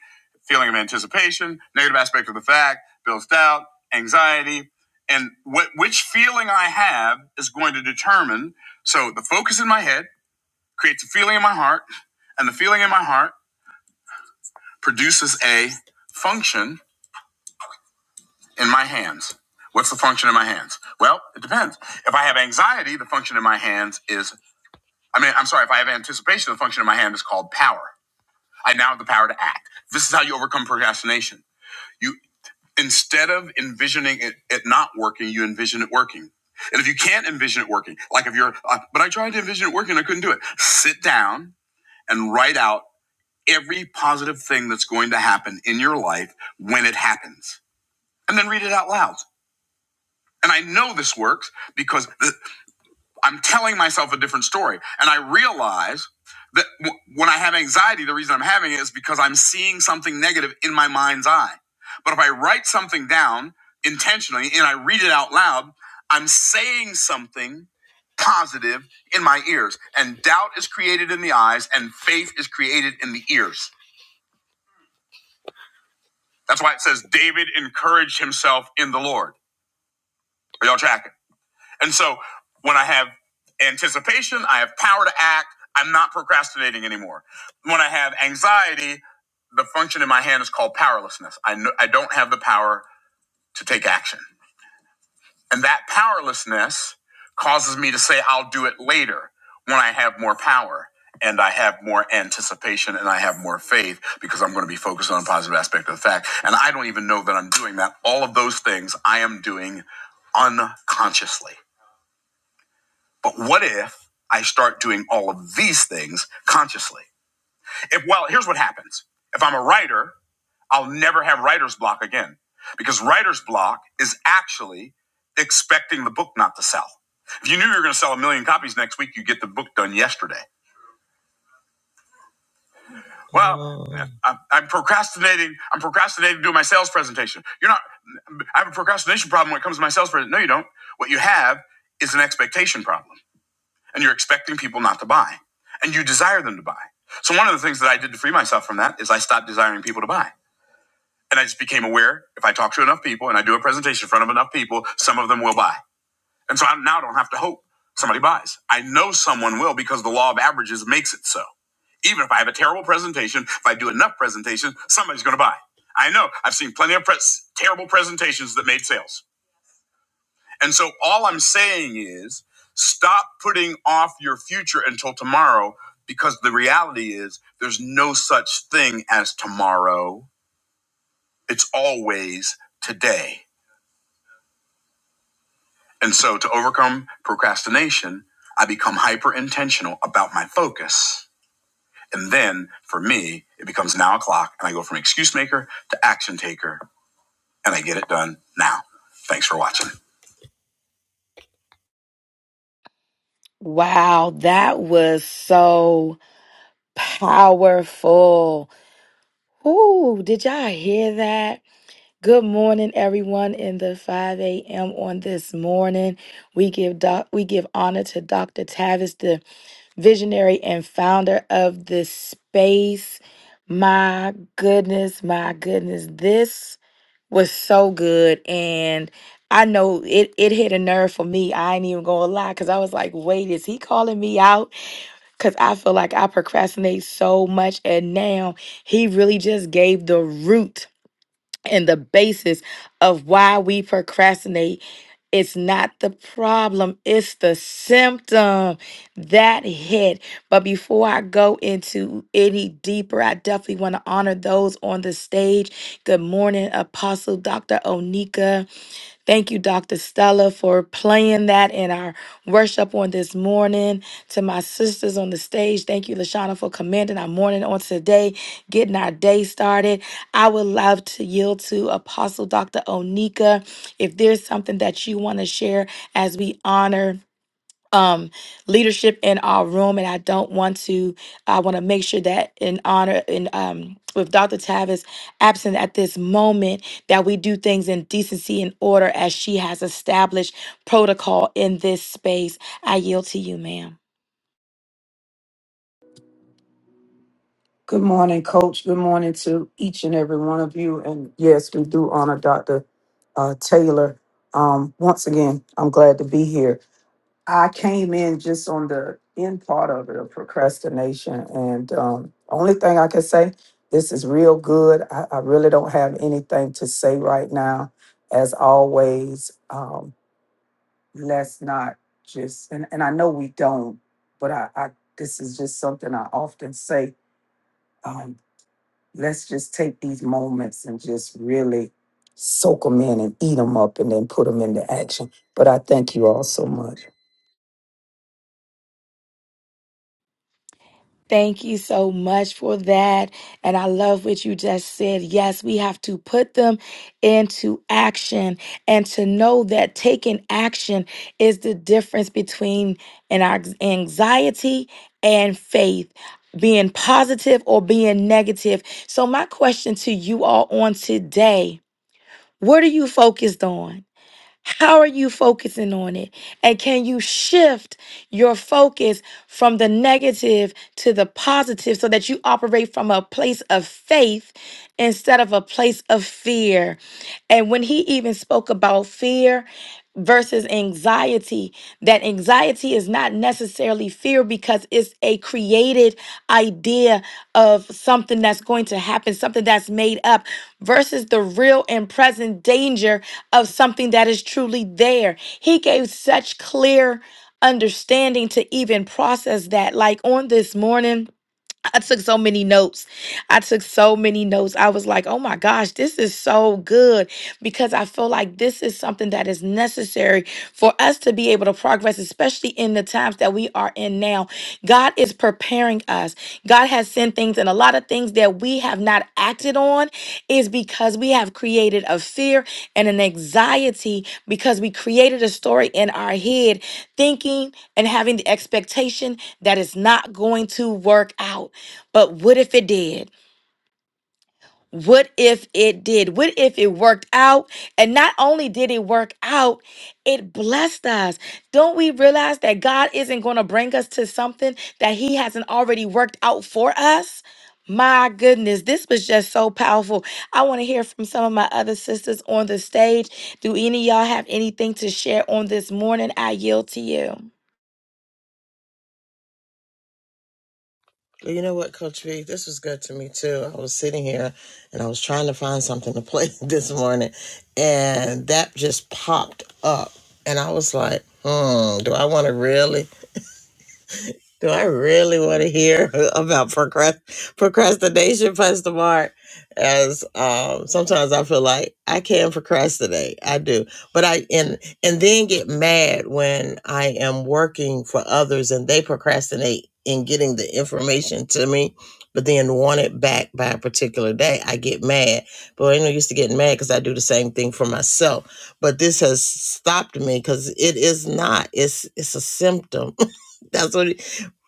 Speaker 3: feeling of anticipation, negative aspect of the fact, builds doubt, anxiety, and what which feeling I have is going to determine. So the focus in my head creates a feeling in my heart, and the feeling in my heart produces a function in my hands. What's the function in my hands? Well, it depends. If I have anxiety, the function in my hands is, I mean, I'm sorry, if I have anticipation, the function in my hand is called power. I now have the power to act. This is how you overcome procrastination. You, instead of envisioning it, it not working, you envision it working. And if you can't envision it working, like if you're, uh, but I tried to envision it working, I couldn't do it. Sit down and write out every positive thing that's going to happen in your life when it happens. And then read it out loud. And I know this works because th- I'm telling myself a different story. And I realize that w- when I have anxiety, the reason I'm having it is because I'm seeing something negative in my mind's eye. But if I write something down intentionally and I read it out loud, I'm saying something positive in my ears. And doubt is created in the eyes, and faith is created in the ears. That's why it says David encouraged himself in the Lord. Are y'all tracking? And so when I have anticipation, I have power to act. I'm not procrastinating anymore. When I have anxiety, the function in my hand is called powerlessness. I, know, I don't have the power to take action. And that powerlessness causes me to say, I'll do it later when I have more power and I have more anticipation and I have more faith because I'm going to be focused on a positive aspect of the fact. And I don't even know that I'm doing that. All of those things I am doing unconsciously. But what if I start doing all of these things consciously? If well, here's what happens. If I'm a writer, I'll never have writer's block again because writer's block is actually expecting the book not to sell. If you knew you were going to sell a million copies next week, you get the book done yesterday. Well, Oh. I'm, I'm procrastinating. I'm procrastinating doing my sales presentation. You're not. I have a procrastination problem when it comes to my sales presentation. No, you don't. What you have is an expectation problem. and you're expecting people not to buy and you desire them to buy. So one of the things that I did to free myself from that is I stopped desiring people to buy. And I just became aware if I talk to enough people and I do a presentation in front of enough people, some of them will buy. And so I now don't have to hope somebody buys. I know someone will because the law of averages makes it so. Even if I have a terrible presentation, if I do enough presentations, somebody's going to buy. I know. I've seen plenty of pres- terrible presentations that made sales. And so all I'm saying is stop putting off your future until tomorrow because the reality is there's no such thing as tomorrow. It's always today. And so to overcome procrastination, I become hyper intentional about my focus. And then for me, it becomes now o'clock and I go from excuse maker to action taker and I get it done now. Thanks for watching.
Speaker 1: Wow, that was so powerful. Ooh, did y'all hear that? Good morning, everyone. In the 5 a.m. on this morning, we give doc- we give honor to Dr. Tavis, the visionary and founder of this space. My goodness, my goodness, this was so good. And I know it, it hit a nerve for me. I ain't even gonna lie, because I was like, wait, is he calling me out? Because I feel like I procrastinate so much. And now he really just gave the root and the basis of why we procrastinate it's not the problem it's the symptom that hit but before i go into any deeper i definitely want to honor those on the stage good morning apostle dr onika Thank you, Dr. Stella, for playing that in our worship on this morning. To my sisters on the stage, thank you, Lashana, for commanding our morning on today, getting our day started. I would love to yield to Apostle Dr. Onika. If there's something that you want to share as we honor um leadership in our room and I don't want to I want to make sure that in honor in um with Dr. Tavis absent at this moment that we do things in decency and order as she has established protocol in this space. I yield to you, ma'am.
Speaker 4: Good morning, Coach. Good morning to each and every one of you. And yes, we do honor Dr. Uh, Taylor. Um, once again, I'm glad to be here. I came in just on the end part of it of procrastination. And um, only thing I can say, this is real good. I, I really don't have anything to say right now. As always, um, let's not just, and, and I know we don't, but I, I this is just something I often say um, let's just take these moments and just really soak them in and eat them up and then put them into action. But I thank you all so much.
Speaker 1: Thank you so much for that. And I love what you just said. Yes, we have to put them into action and to know that taking action is the difference between an anx- anxiety and faith. Being positive or being negative. So, my question to you all on today what are you focused on? How are you focusing on it? And can you shift your focus from the negative to the positive so that you operate from a place of faith instead of a place of fear? And when he even spoke about fear, versus anxiety that anxiety is not necessarily fear because it's a created idea of something that's going to happen something that's made up versus the real and present danger of something that is truly there he gave such clear understanding to even process that like on this morning I took so many notes. I took so many notes. I was like, oh my gosh, this is so good because I feel like this is something that is necessary for us to be able to progress, especially in the times that we are in now. God is preparing us. God has sent things things and a lot of things that we have not acted on is because we have created a fear and an anxiety because we created a story in our head, thinking and having the expectation that it's not going to work out. But what if it did? What if it did? What if it worked out? And not only did it work out, it blessed us. Don't we realize that God isn't going to bring us to something that He hasn't already worked out for us? My goodness, this was just so powerful. I want to hear from some of my other sisters on the stage. Do any of y'all have anything to share on this morning? I yield to you.
Speaker 3: Well, you know what, Coach V? this was good to me too. I was sitting here and I was trying to find something to play this morning, and that just popped up, and I was like, "Hmm, do I want to really?" Do I really want to hear about procrast- procrastination, Pastor Mark? As um, sometimes I feel like I can procrastinate, I do, but I and and then get mad when I am working for others and they procrastinate in getting the information to me, but then want it back by a particular day. I get mad, but I know used to getting mad because I do the same thing for myself. But this has stopped me because it is not. It's it's a symptom. That's what.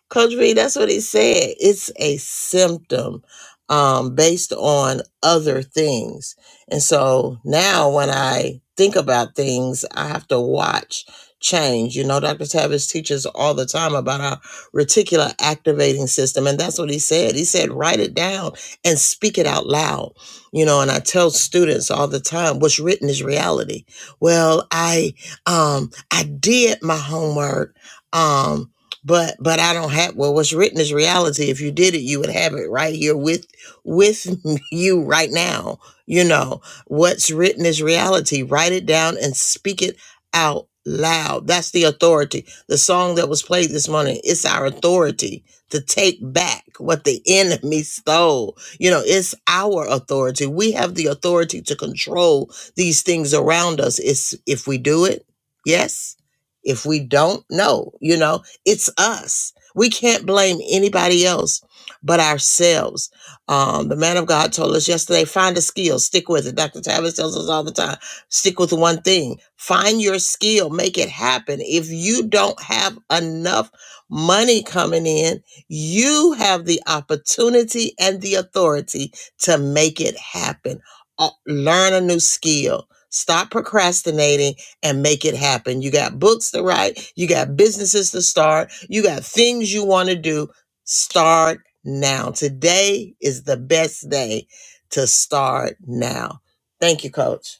Speaker 3: Coach B, that's what he said. It's a symptom um, based on other things. And so now when I think about things, I have to watch change. You know, Dr. Tavis teaches all the time about our reticular activating system. And that's what he said. He said, write it down and speak it out loud. You know, and I tell students all the time, what's written is reality. Well, I um I did my homework. um but but i don't have well what's written is reality if you did it you would have it right here with with you right now you know what's written is reality write it down and speak it out loud that's the authority the song that was played this morning it's our authority to take back what the enemy stole you know it's our authority we have the authority to control these things around us it's if we do it yes if we don't no. you know it's us. We can't blame anybody else but ourselves. Um, the man of God told us yesterday find a skill, stick with it. Dr. Tavis tells us all the time stick with one thing, find your skill, make it happen. If you don't have enough money coming in, you have the opportunity and the authority to make it happen. Uh, learn a new skill. Stop procrastinating and make it happen. You got books to write, you got businesses to start, you got things you want to do. Start now. Today is the best day to start now. Thank you, coach.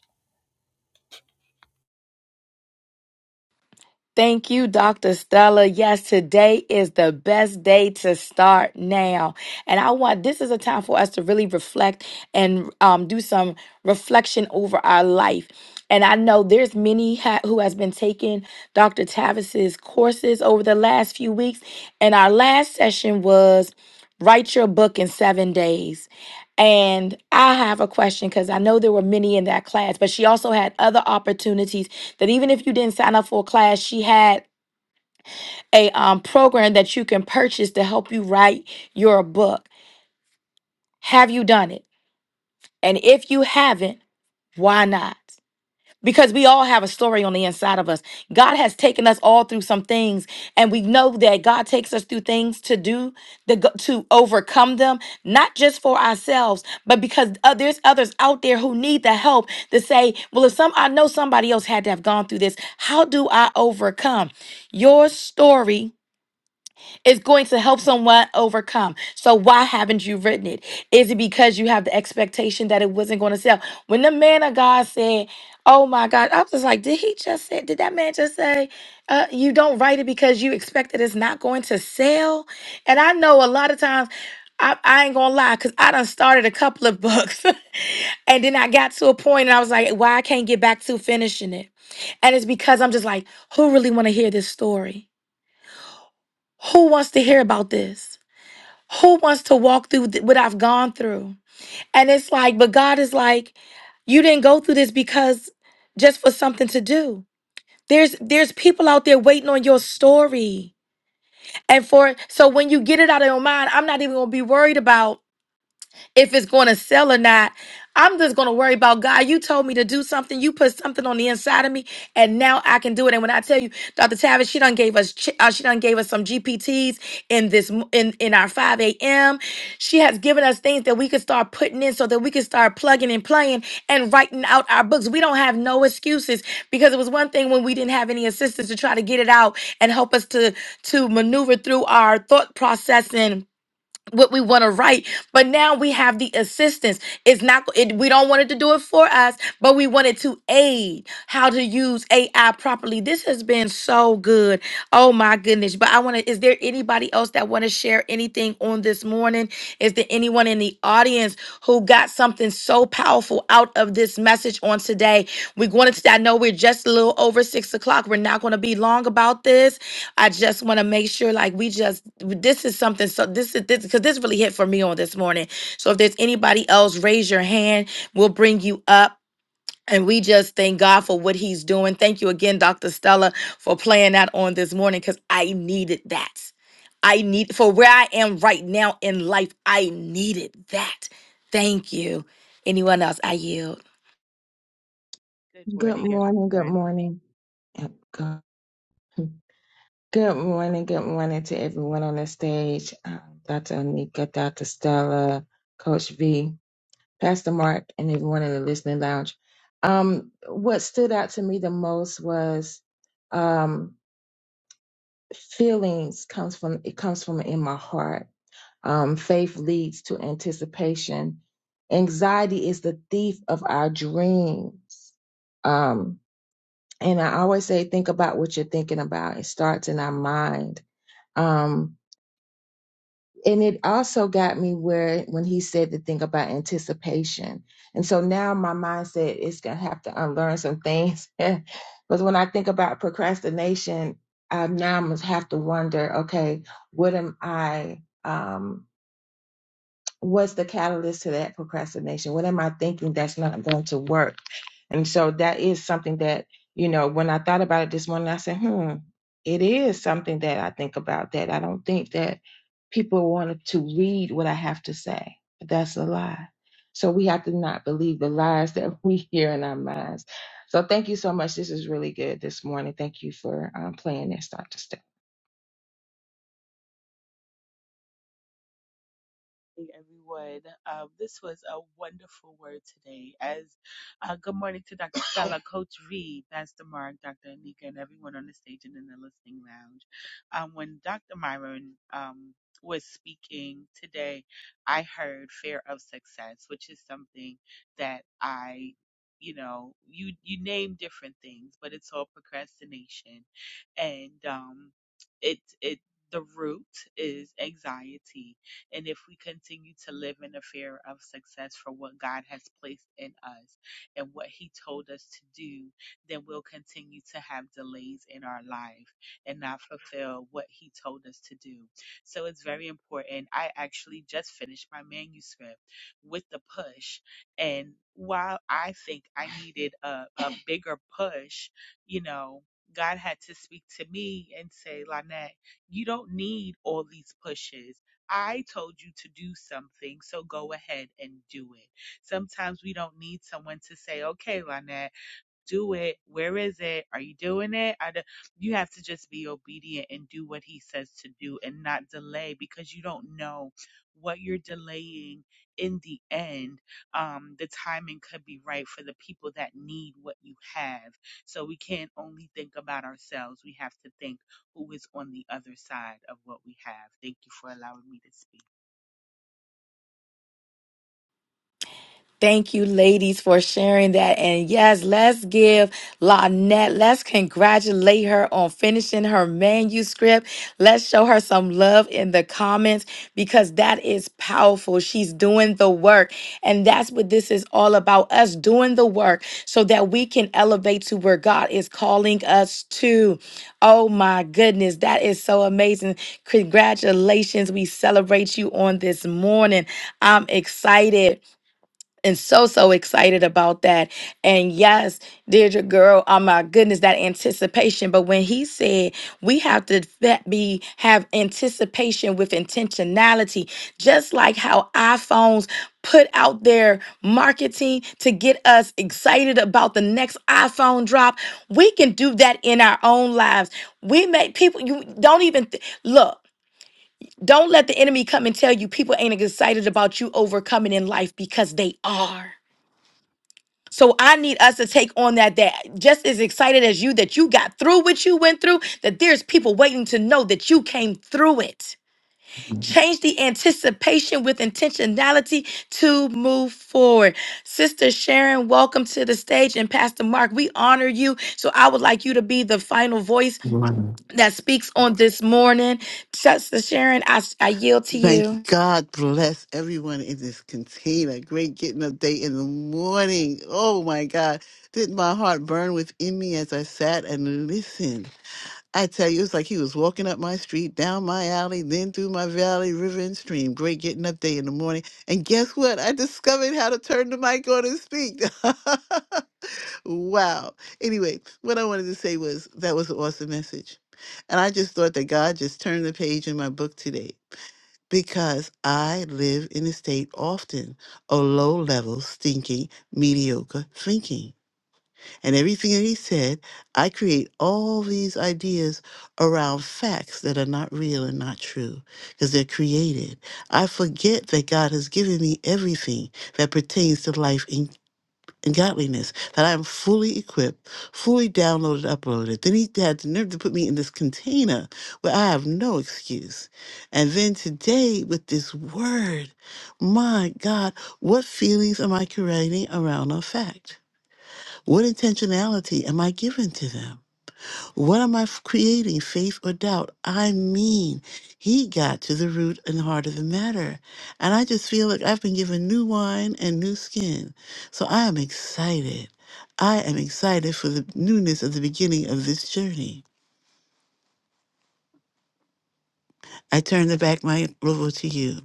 Speaker 1: Thank you, Dr. Stella. Yes, today is the best day to start now. And I want this is a time for us to really reflect and um, do some reflection over our life. And I know there's many ha- who has been taking Dr. Tavis's courses over the last few weeks. And our last session was write your book in seven days. And I have a question because I know there were many in that class, but she also had other opportunities that even if you didn't sign up for a class, she had a um, program that you can purchase to help you write your book. Have you done it? And if you haven't, why not? because we all have a story on the inside of us. God has taken us all through some things, and we know that God takes us through things to do the go- to overcome them, not just for ourselves, but because uh, there's others out there who need the help to say, "Well, if some I know somebody else had to have gone through this, how do I overcome?" Your story is going to help someone overcome. So why haven't you written it? Is it because you have the expectation that it wasn't going to sell? When the man of God said, "Oh my God," I was just like, "Did he just say? Did that man just say uh, you don't write it because you expect that it's not going to sell?" And I know a lot of times. I, I ain't gonna lie, cause I done started a couple of books, and then I got to a point, and I was like, "Why I can't get back to finishing it?" And it's because I'm just like, "Who really want to hear this story? Who wants to hear about this?" Who wants to walk through th- what I've gone through? And it's like, but God is like, you didn't go through this because just for something to do. There's there's people out there waiting on your story. And for so when you get it out of your mind, I'm not even gonna be worried about if it's going to sell or not. I'm just going to worry about God. You told me to do something. You put something on the inside of me, and now I can do it. And when I tell you, Dr. Tavis, she done gave us, ch- uh, she done gave us some GPTs in this m- in in our 5 a.m. She has given us things that we can start putting in, so that we can start plugging and playing and writing out our books. We don't have no excuses because it was one thing when we didn't have any assistance to try to get it out and help us to to maneuver through our thought processing what we want to write but now we have the assistance it's not it, we don't want it to do it for us but we want it to aid how to use ai properly this has been so good oh my goodness but i want to is there anybody else that want to share anything on this morning is there anyone in the audience who got something so powerful out of this message on today. We're going to, I know we're just a little over six o'clock. We're not going to be long about this. I just want to make sure, like, we just, this is something, so this is this, because this really hit for me on this morning. So if there's anybody else, raise your hand. We'll bring you up. And we just thank God for what he's doing. Thank you again, Dr. Stella, for playing that on this morning because I needed that. I need for where I am right now in life, I needed that. Thank you. Anyone else? I yield.
Speaker 5: Good
Speaker 6: Good
Speaker 5: morning,
Speaker 6: morning, good
Speaker 5: everyone.
Speaker 6: morning. Yep, Good good morning, good morning to everyone on the stage. Um, Dr. Onika, Dr. Stella, Coach V, Pastor Mark, and everyone in the listening lounge. Um, what stood out to me the most was um, feelings comes from it comes from in my heart. Um, faith leads to anticipation. Anxiety is the thief of our dreams. Um, And I always say, think about what you're thinking about. It starts in our mind. Um, and it also got me where when he said to think about anticipation. And so now my mindset is going to have to unlearn some things. Because when I think about procrastination, I now must have to wonder, okay, what am I? Um, what's the catalyst to that procrastination? What am I thinking that's not going to work? And so that is something that, you know, when I thought about it this morning, I said, hmm, it is something that I think about that. I don't think that people want to read what I have to say. That's a lie. So we have to not believe the lies that we hear in our minds. So thank you so much. This is really good this morning. Thank you for um, playing this, Dr. Stella.
Speaker 5: morning, everyone. Um, this was a wonderful word today. As uh, good morning to Dr. Stella, Coach V, Pastor Mark, Dr. Anika, and everyone on the stage and in the listening lounge. Um, when Dr. Myron um, was speaking today, I heard fear of success, which is something that I you know you you name different things but it's all procrastination and um it it the root is anxiety and if we continue to live in the fear of success for what God has placed in us and what He told us to do, then we'll continue to have delays in our life and not fulfill what He told us to do. So it's very important. I actually just finished my manuscript with the push, and while I think I needed a, a bigger push, you know. God had to speak to me and say, Lynette, you don't need all these pushes. I told you to do something, so go ahead and do it. Sometimes we don't need someone to say, okay, Lynette do it. Where is it? Are you doing it? I do. You have to just be obedient and do what he says to do and not delay because you don't know what you're delaying in the end. Um, the timing could be right for the people that need what you have. So we can't only think about ourselves. We have to think who is on the other side of what we have. Thank you for allowing me to speak.
Speaker 1: Thank you, ladies, for sharing that. And yes, let's give Lynette, let's congratulate her on finishing her manuscript. Let's show her some love in the comments because that is powerful. She's doing the work. And that's what this is all about us doing the work so that we can elevate to where God is calling us to. Oh my goodness, that is so amazing. Congratulations. We celebrate you on this morning. I'm excited and so so excited about that and yes deirdre girl oh my goodness that anticipation but when he said we have to fa- be have anticipation with intentionality just like how iphones put out their marketing to get us excited about the next iphone drop we can do that in our own lives we make people you don't even th- look don't let the enemy come and tell you people ain't excited about you overcoming in life because they are so I need us to take on that that just as excited as you that you got through what you went through, that there's people waiting to know that you came through it. Change the anticipation with intentionality to move forward. Sister Sharon, welcome to the stage. And Pastor Mark, we honor you. So I would like you to be the final voice
Speaker 7: One.
Speaker 1: that speaks on this morning. Sister Sharon, I, I yield to
Speaker 7: Thank you.
Speaker 1: you.
Speaker 7: God bless everyone in this container. Great getting up day in the morning. Oh my God. Didn't my heart burn within me as I sat and listened? I tell you, it's like he was walking up my street, down my alley, then through my valley, river, and stream. Great getting up day in the morning. And guess what? I discovered how to turn the mic on and speak. wow. Anyway, what I wanted to say was that was an awesome message. And I just thought that God just turned the page in my book today because I live in a state often of low level, stinking, mediocre thinking. And everything that he said, I create all these ideas around facts that are not real and not true because they're created. I forget that God has given me everything that pertains to life in and godliness, that I am fully equipped, fully downloaded, uploaded. Then he had the nerve to put me in this container where I have no excuse. And then today with this word, my God, what feelings am I creating around a fact? What intentionality am I giving to them? What am I f- creating, faith or doubt? I mean, he got to the root and heart of the matter. And I just feel like I've been given new wine and new skin. So I am excited. I am excited for the newness of the beginning of this journey. I turn the back my rover to you.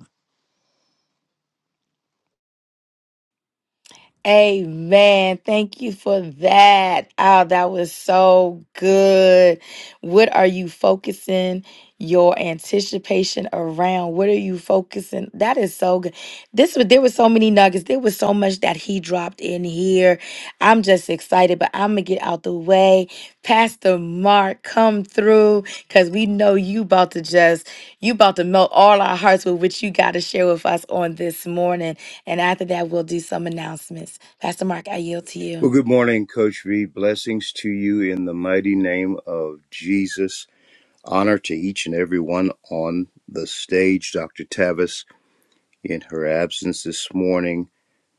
Speaker 1: Amen. Thank you for that. Oh, that was so good. What are you focusing your anticipation around? What are you focusing? That is so good. This was there were so many nuggets. There was so much that he dropped in here year. I'm just excited, but I'm going to get out the way. Pastor Mark, come through because we know you about to just, you about to melt all our hearts with what you got to share with us on this morning. And after that, we'll do some announcements. Pastor Mark, I yield to you.
Speaker 8: Well, good morning, Coach V. Blessings to you in the mighty name of Jesus. Honor to each and every one on the stage. Dr. Tavis, in her absence this morning.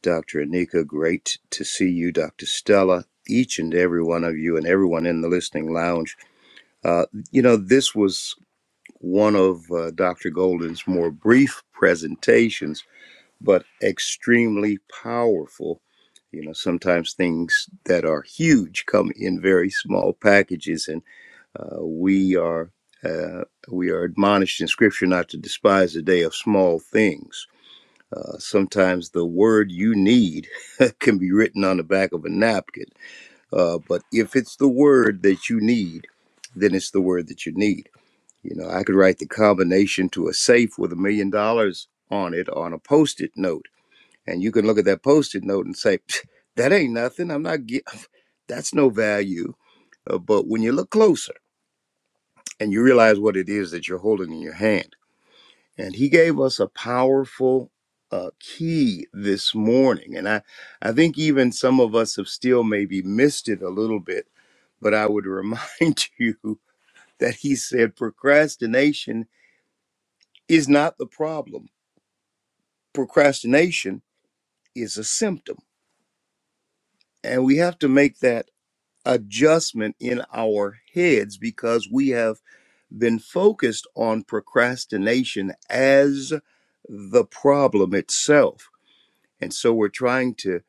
Speaker 8: Dr. Anika, great to see you. Dr. Stella, each and every one of you, and everyone in the listening lounge. Uh, you know, this was one of uh, Dr. Golden's more brief presentations but extremely powerful. You know, sometimes things that are huge come in very small packages, and uh, we are uh, we are admonished in Scripture not to despise the day of small things. Uh, sometimes the word you need can be written on the back of a napkin, uh, but if it's the word that you need, then it's the word that you need. You know, I could write the combination to a safe with a million dollars on it on a post-it note and you can look at that post-it note and say, that ain't nothing. I'm not, gi- that's no value. Uh, but when you look closer and you realize what it is that you're holding in your hand, and he gave us a powerful uh, key this morning. And I, I think even some of us have still maybe missed it a little bit, but I would remind you that he said procrastination is not the problem, procrastination is a symptom. And we have to make that adjustment in our heads because we have been focused on procrastination as the problem itself. And so we're trying to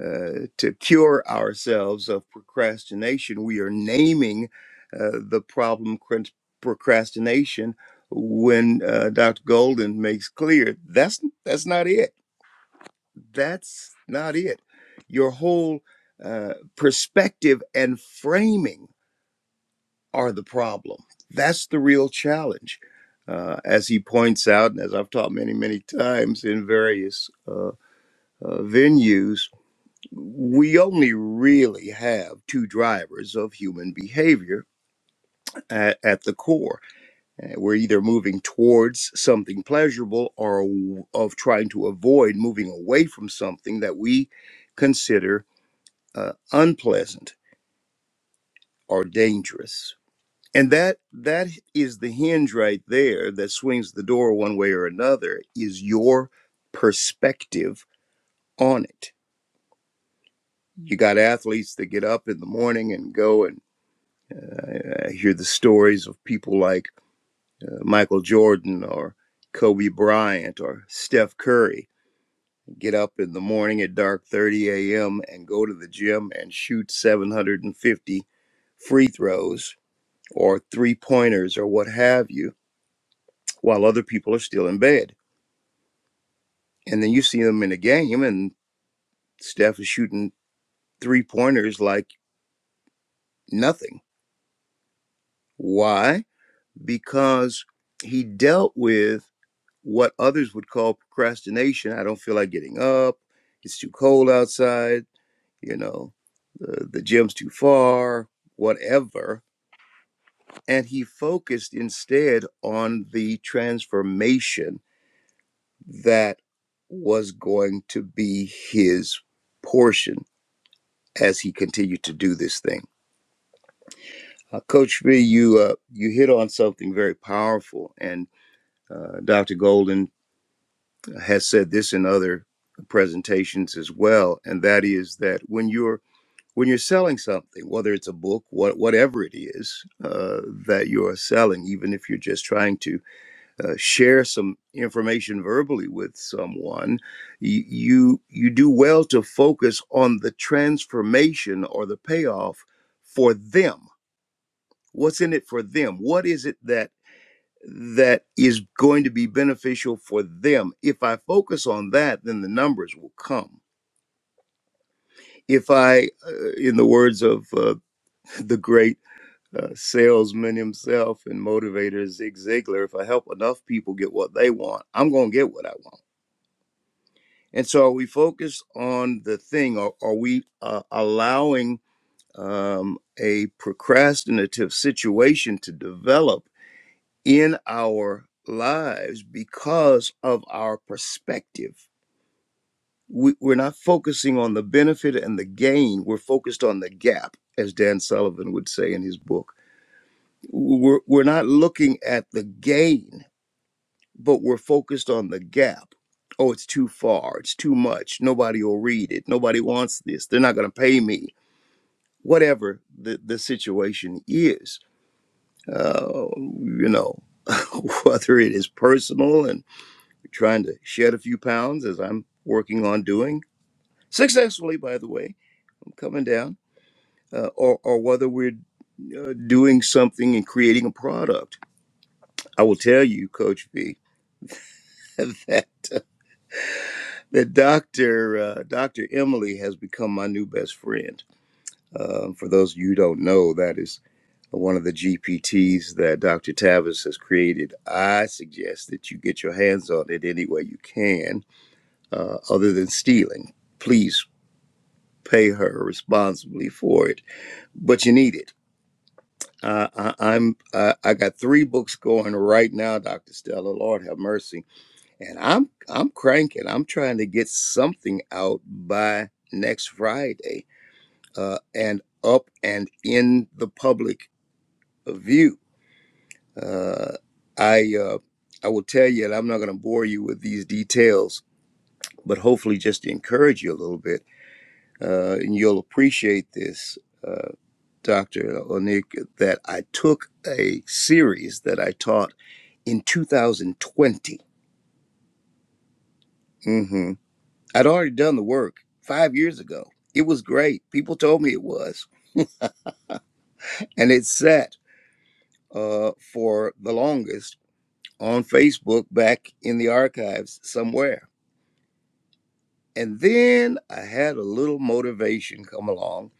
Speaker 8: uh, to cure ourselves of procrastination. We are naming uh, the problem cr- procrastination when uh, Dr. Golden makes clear that's that's not it. That's not it. Your whole uh, perspective and framing are the problem. That's the real challenge. Uh, as he points out, and as I've taught many, many times in various uh, uh, venues, we only really have two drivers of human behavior at, at the core. Uh, We're either moving towards something pleasurable or of trying to avoid moving away from something that we consider uh, unpleasant or dangerous. and that that is the hinge right there that swings the door one way or another is your perspective on it you got athletes that get up in the morning and go and uh, hear the stories of people like uh, michael jordan or kobe bryant or steph curry get up in the morning at dark 30 a.m and go to the gym and shoot 750 free throws or three pointers or what have you while other people are still in bed And then you see him in a game, and Steph is shooting three pointers like nothing. Why? Because he dealt with what others would call procrastination. I don't feel like getting up. It's too cold outside. You know, the, the gym's too far, whatever. And he focused instead on the transformation that was going to be his portion as he continued to do this thing Uh, Coach V, you uh, you hit on something very powerful, and uh, Dr. Golden has said this in other presentations as well, and that is that when you're when you're selling something, whether it's a book, what, whatever it is uh, that you're selling, even if you're just trying to uh, share some information verbally with someone, y- you you do well to focus on the transformation or the payoff for them what's in it for them what is it that that is going to be beneficial for them. If I focus on that, then the numbers will come. If I, uh, in the words of uh, the great uh, salesman himself and motivator Zig Ziglar, if I help enough people get what they want, I'm going to get what I want. And so, are we focused on the thing, or are we uh, allowing um, a procrastinative situation to develop in our lives because of our perspective? we, we're not focusing on the benefit and the gain. We're focused on the gap, as Dan Sullivan would say in his book. We're, we're not looking at the gain, but we're focused on the gap. Oh, it's too far. It's too much. Nobody will read it. Nobody wants this. They're not going to pay me. Whatever the, the situation is, uh, you know, whether it is personal and trying to shed a few pounds, as I'm working on doing successfully, by the way, I'm coming down uh, or, or whether we're uh, doing something and creating a product. I will tell you, Coach V, that, that Dr. Uh, Dr. Emily has become my new best friend. Uh, for those of you who don't know, that is one of the GPTs that Dr. Tavis has created. I suggest that you get your hands on it any way you can, uh, other than stealing. Please pay her responsibly for it, but you need it Uh, I, I'm uh, I got three books going right now, Doctor Stella. Lord have mercy, and I'm I'm cranking. I'm trying to get something out by next Friday, uh, and up and in the public view. Uh, I uh, I will tell you, and I'm not going to bore you with these details, but hopefully just to encourage you a little bit, uh, and you'll appreciate this, uh, Doctor Onik, that I took a series that I taught. in 2020. hmm I'd already done the work five years ago. It was great. People told me it was. And it sat uh, for the longest on Facebook back in the archives somewhere. And then I had a little motivation come along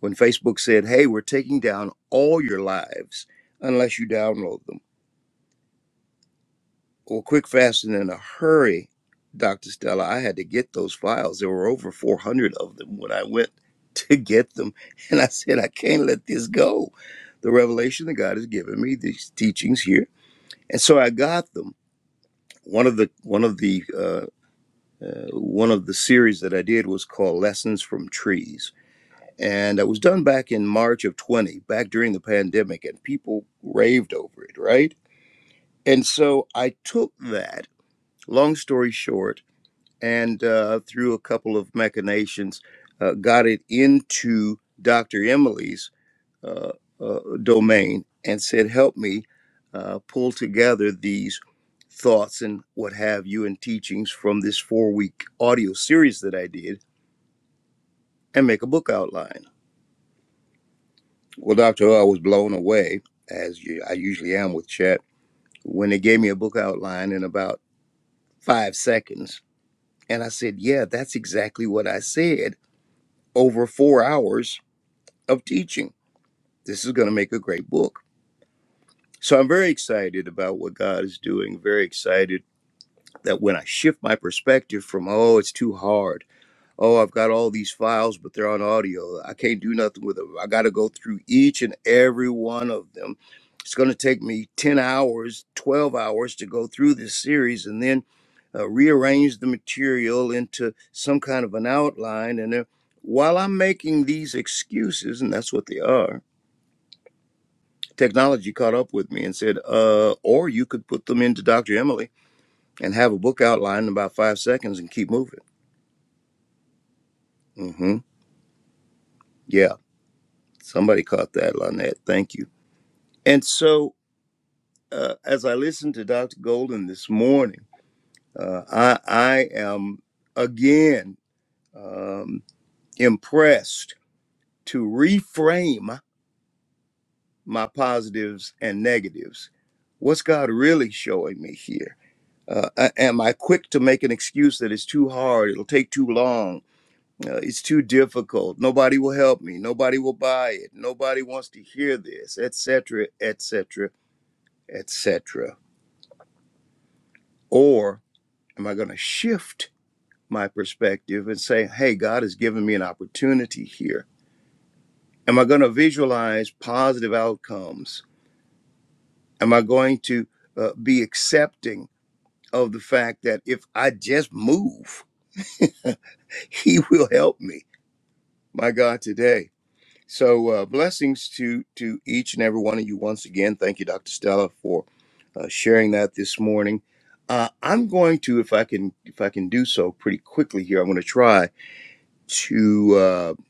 Speaker 8: when Facebook said, hey, we're taking down all your lives unless you download them. Well, quick, fast, and in a hurry, Dr. Stella, I had to get those files. There were over 400 of them when I went to get them. And I said, I can't let this go. The revelation that God has given me, these teachings here. And so I got them. One of the, one of the, uh, uh, one of the series that I did was called Lessons from Trees. And it was done back in March of 20, back during the pandemic, and people raved over it, right? And so I took that, long story short, and uh, through a couple of machinations, uh, got it into Dr. Emily's uh, uh, domain and said, Help me uh, pull together these thoughts and what have you and teachings from this four week audio series that I did and make a book outline. Well, Dr. O, I was blown away, as you, I usually am with Chet, when they gave me a book outline in about five seconds. And I said, Yeah, that's exactly what I said over four hours of teaching. This is going to make a great book. So I'm very excited about what God is doing. Very excited that when I shift my perspective from, oh, it's too hard. Oh, I've got all these files, but they're on audio. I can't do nothing with them. I got to go through each and every one of them. It's going to take me 10 hours, 12 hours to go through this series and then uh, rearrange the material into some kind of an outline. And then while I'm making these excuses, and that's what they are, technology caught up with me and said, uh, or you could put them into Dr. Emily and have a book outline in about five seconds and keep moving. hmm Yeah, somebody caught that, Lynette. Thank you. And so uh, as I listened to Dr. Golden this morning, uh, I, I am again um, impressed to reframe my positives and negatives. What's God really showing me here? Uh, am I quick to make an excuse that it's too hard? It'll take too long. Uh, it's too difficult. Nobody will help me. Nobody will buy it. Nobody wants to hear this, etc., etc., etc. Or am I going to shift my perspective and say, "Hey, God has given me an opportunity here." Am I going to visualize positive outcomes? Am I going to uh, be accepting of the fact that if I just move, He will help me? My God, today. So uh, blessings to to each and every one of you once again. Thank you, Dr. Stella, for uh, sharing that this morning. Uh, I'm going to, if I can, if I can do so pretty quickly here, I'm going to try to uh,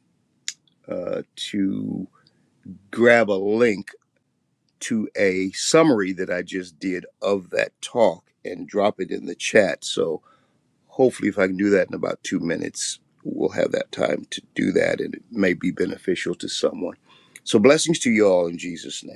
Speaker 8: uh, to grab a link to a summary that I just did of that talk and drop it in the chat. So hopefully, if I can do that in about two minutes, we'll have that time to do that, and it may be beneficial to someone. So blessings to you all in Jesus' name.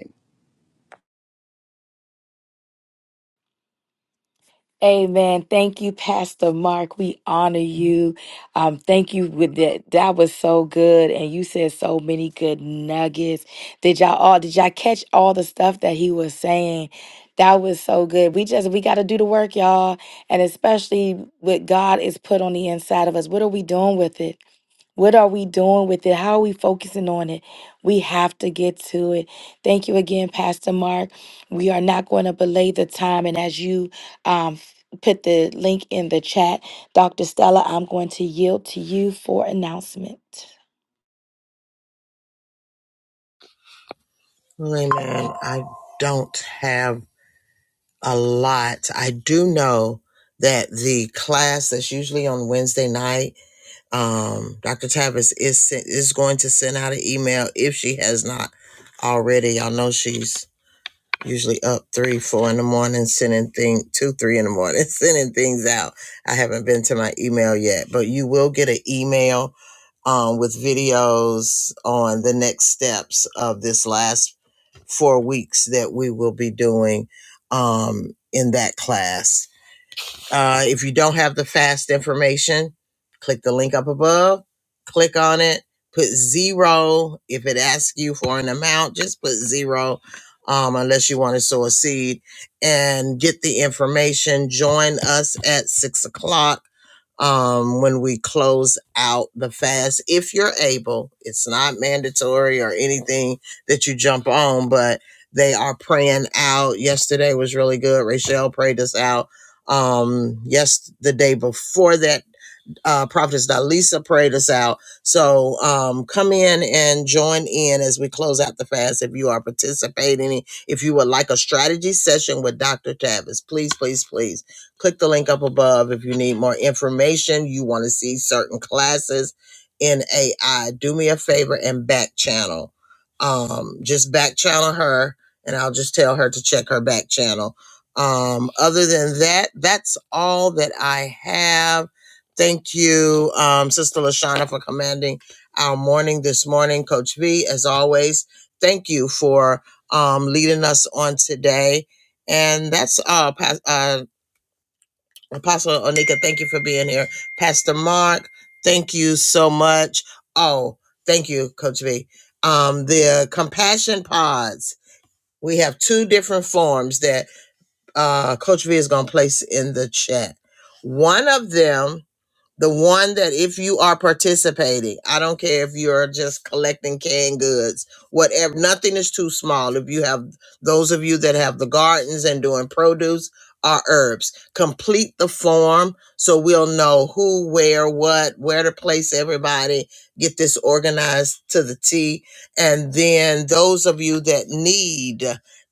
Speaker 1: Amen. Thank you, Pastor Mark. We honor you. Um, thank you with that. That was so good, and you said so many good nuggets. Did y'all all? Did y'all catch all the stuff that he was saying? That was so good. We just we got to do the work, y'all, and especially what God is put on the inside of us. What are we doing with it? What are we doing with it? How are we focusing on it? We have to get to it. Thank you again, Pastor Mark. We are not going to belay the time. And as you um, f- put the link in the chat, Dr. Stella, I'm going to yield to you for announcement.
Speaker 3: Really, man, I don't have a lot. I do know that the class that's usually on Wednesday night, um, Dr. Tavis is sen- is going to send out an email if she has not already. Y'all know she's usually up three, four in the morning, sending thing two, three in the morning, sending things out. I haven't been to my email yet, but you will get an email um, with videos on the next steps of this last four weeks that we will be doing um, in that class uh, if you don't have the fast information, click the link up above, click on it, put zero. If it asks you for an amount, just put zero um, unless you want to sow a seed and get the information. Join us at six o'clock um, when we close out the fast. If you're able, it's not mandatory or anything that you jump on, but they are praying out. Yesterday was really good. Rachelle prayed us out um yes the day before that uh, Prophetess Dalisa prayed us out. So um, come in and join in as we close out the fast. If you are participating, if you would like a strategy session with Dr. Tavis, please, please, please click the link up above. If you need more information, you want to see certain classes in AI, do me a favor and back channel. Um, just back channel her, and I'll just tell her to check her back channel. Um, other than that, that's all that I have Thank you, um, Sister Lashana, for commanding our morning this morning. Coach V, as always, thank you for um, leading us on today. And that's uh, Pas- uh, Apostle Onika. Thank you for being here, Pastor Mark. Thank you so much. Oh, thank you, Coach V. Um, the compassion pods. We have two different forms that uh, Coach V is going to place in the chat. One of them the one that if you are participating, I don't care if you're just collecting canned goods, whatever, nothing is too small. If you have those of you that have the gardens and doing produce or herbs, complete the form so we'll know who, where, what, where to place everybody, get this organized to the T. And then those of you that need,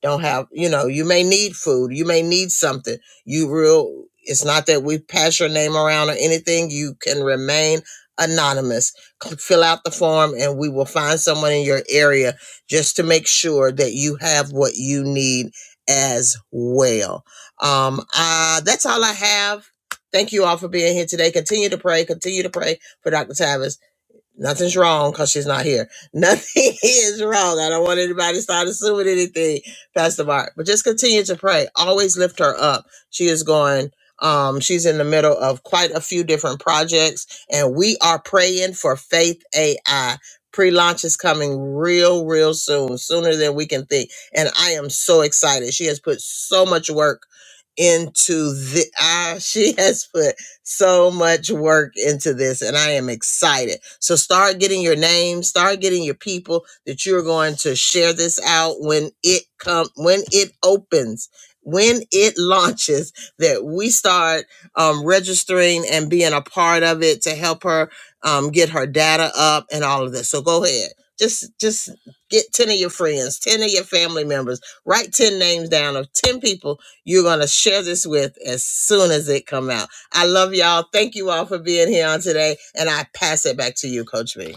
Speaker 3: don't have, you know, you may need food, you may need something you real it's not that we pass your name around or anything. You can remain anonymous. Come fill out the form and we will find someone in your area just to make sure that you have what you need as well. Um uh that's all I have. Thank you all for being here today. Continue to pray. Continue to pray for Dr. Tavis. Nothing's wrong because she's not here. Nothing is wrong. I don't want anybody to start assuming anything, Pastor Mark. But just continue to pray. Always lift her up. She is going, um, she's in the middle of quite a few different projects, and we are praying for Faith AI. Pre launch is coming real, real soon, sooner than we can think. And I am so excited. She has put so much work into the ah, she has put so much work into this, and I am excited. So start getting your names, start getting your people that you're going to share this out when it come when it opens, when it launches. That we start um, registering and being a part of it to help her um, get her data up and all of this. So go ahead. Just, just get 10 of your friends, 10 of your family members, write 10 names down of 10 people you're going to share this with as soon as it come out I love y'all. Thank you all for being here on today. And I pass it back to you, Coach B.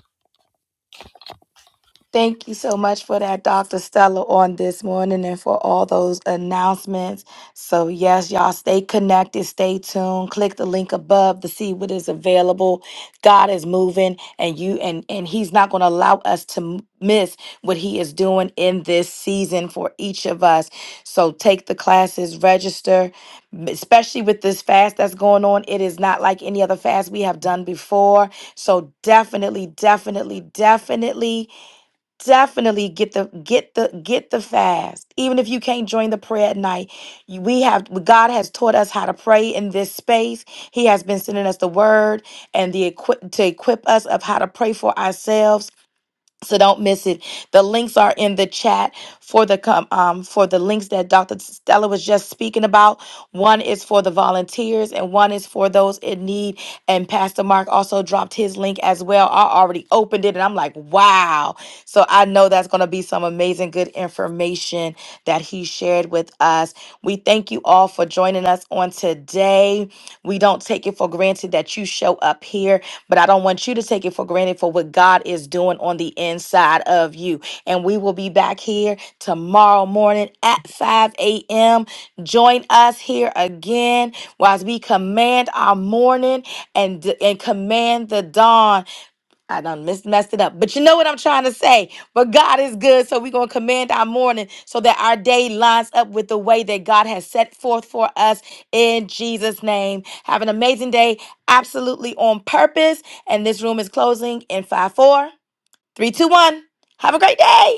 Speaker 1: Thank you so much for that, Dr. Stella, on this morning and for all those announcements. So, yes, y'all stay connected, stay tuned. Click the link above to see what is available. God is moving, and you and and He's not going to allow us to m- miss what He is doing in this season for each of us. So, take the classes, register, m- especially with this fast that's going on. It is not like any other fast we have done before. So, definitely, definitely, definitely definitely get the get the get the fast even if you can't join the prayer at night you- we have god has taught us how to pray in this space he has been sending us the word and the equip to equip us of how to pray for ourselves so don't miss it. The links are in the chat for the com- um for the links that Dr. Stella was just speaking about. One is for the volunteers and one is for those in need. And Pastor Mark also dropped his link as well. I already opened it and I'm like, wow. So I know that's going to be some amazing good information that he shared with us. We thank you all all for joining us on today. We don't take it for granted that you show up here, but I don't want you to take it for granted for what God is doing on the inside of you. And we will be back here tomorrow morning at 5 a.m. Join us here again as we command our morning and, and command the dawn. I done mis- messed it up. But you know what I'm trying to say. But God is good. So we're going to command our morning so that our day lines up with the way that God has set forth for us in Jesus' name. Have an amazing day, absolutely on purpose. And this room is closing in five, four, three, two, one. Have a great day.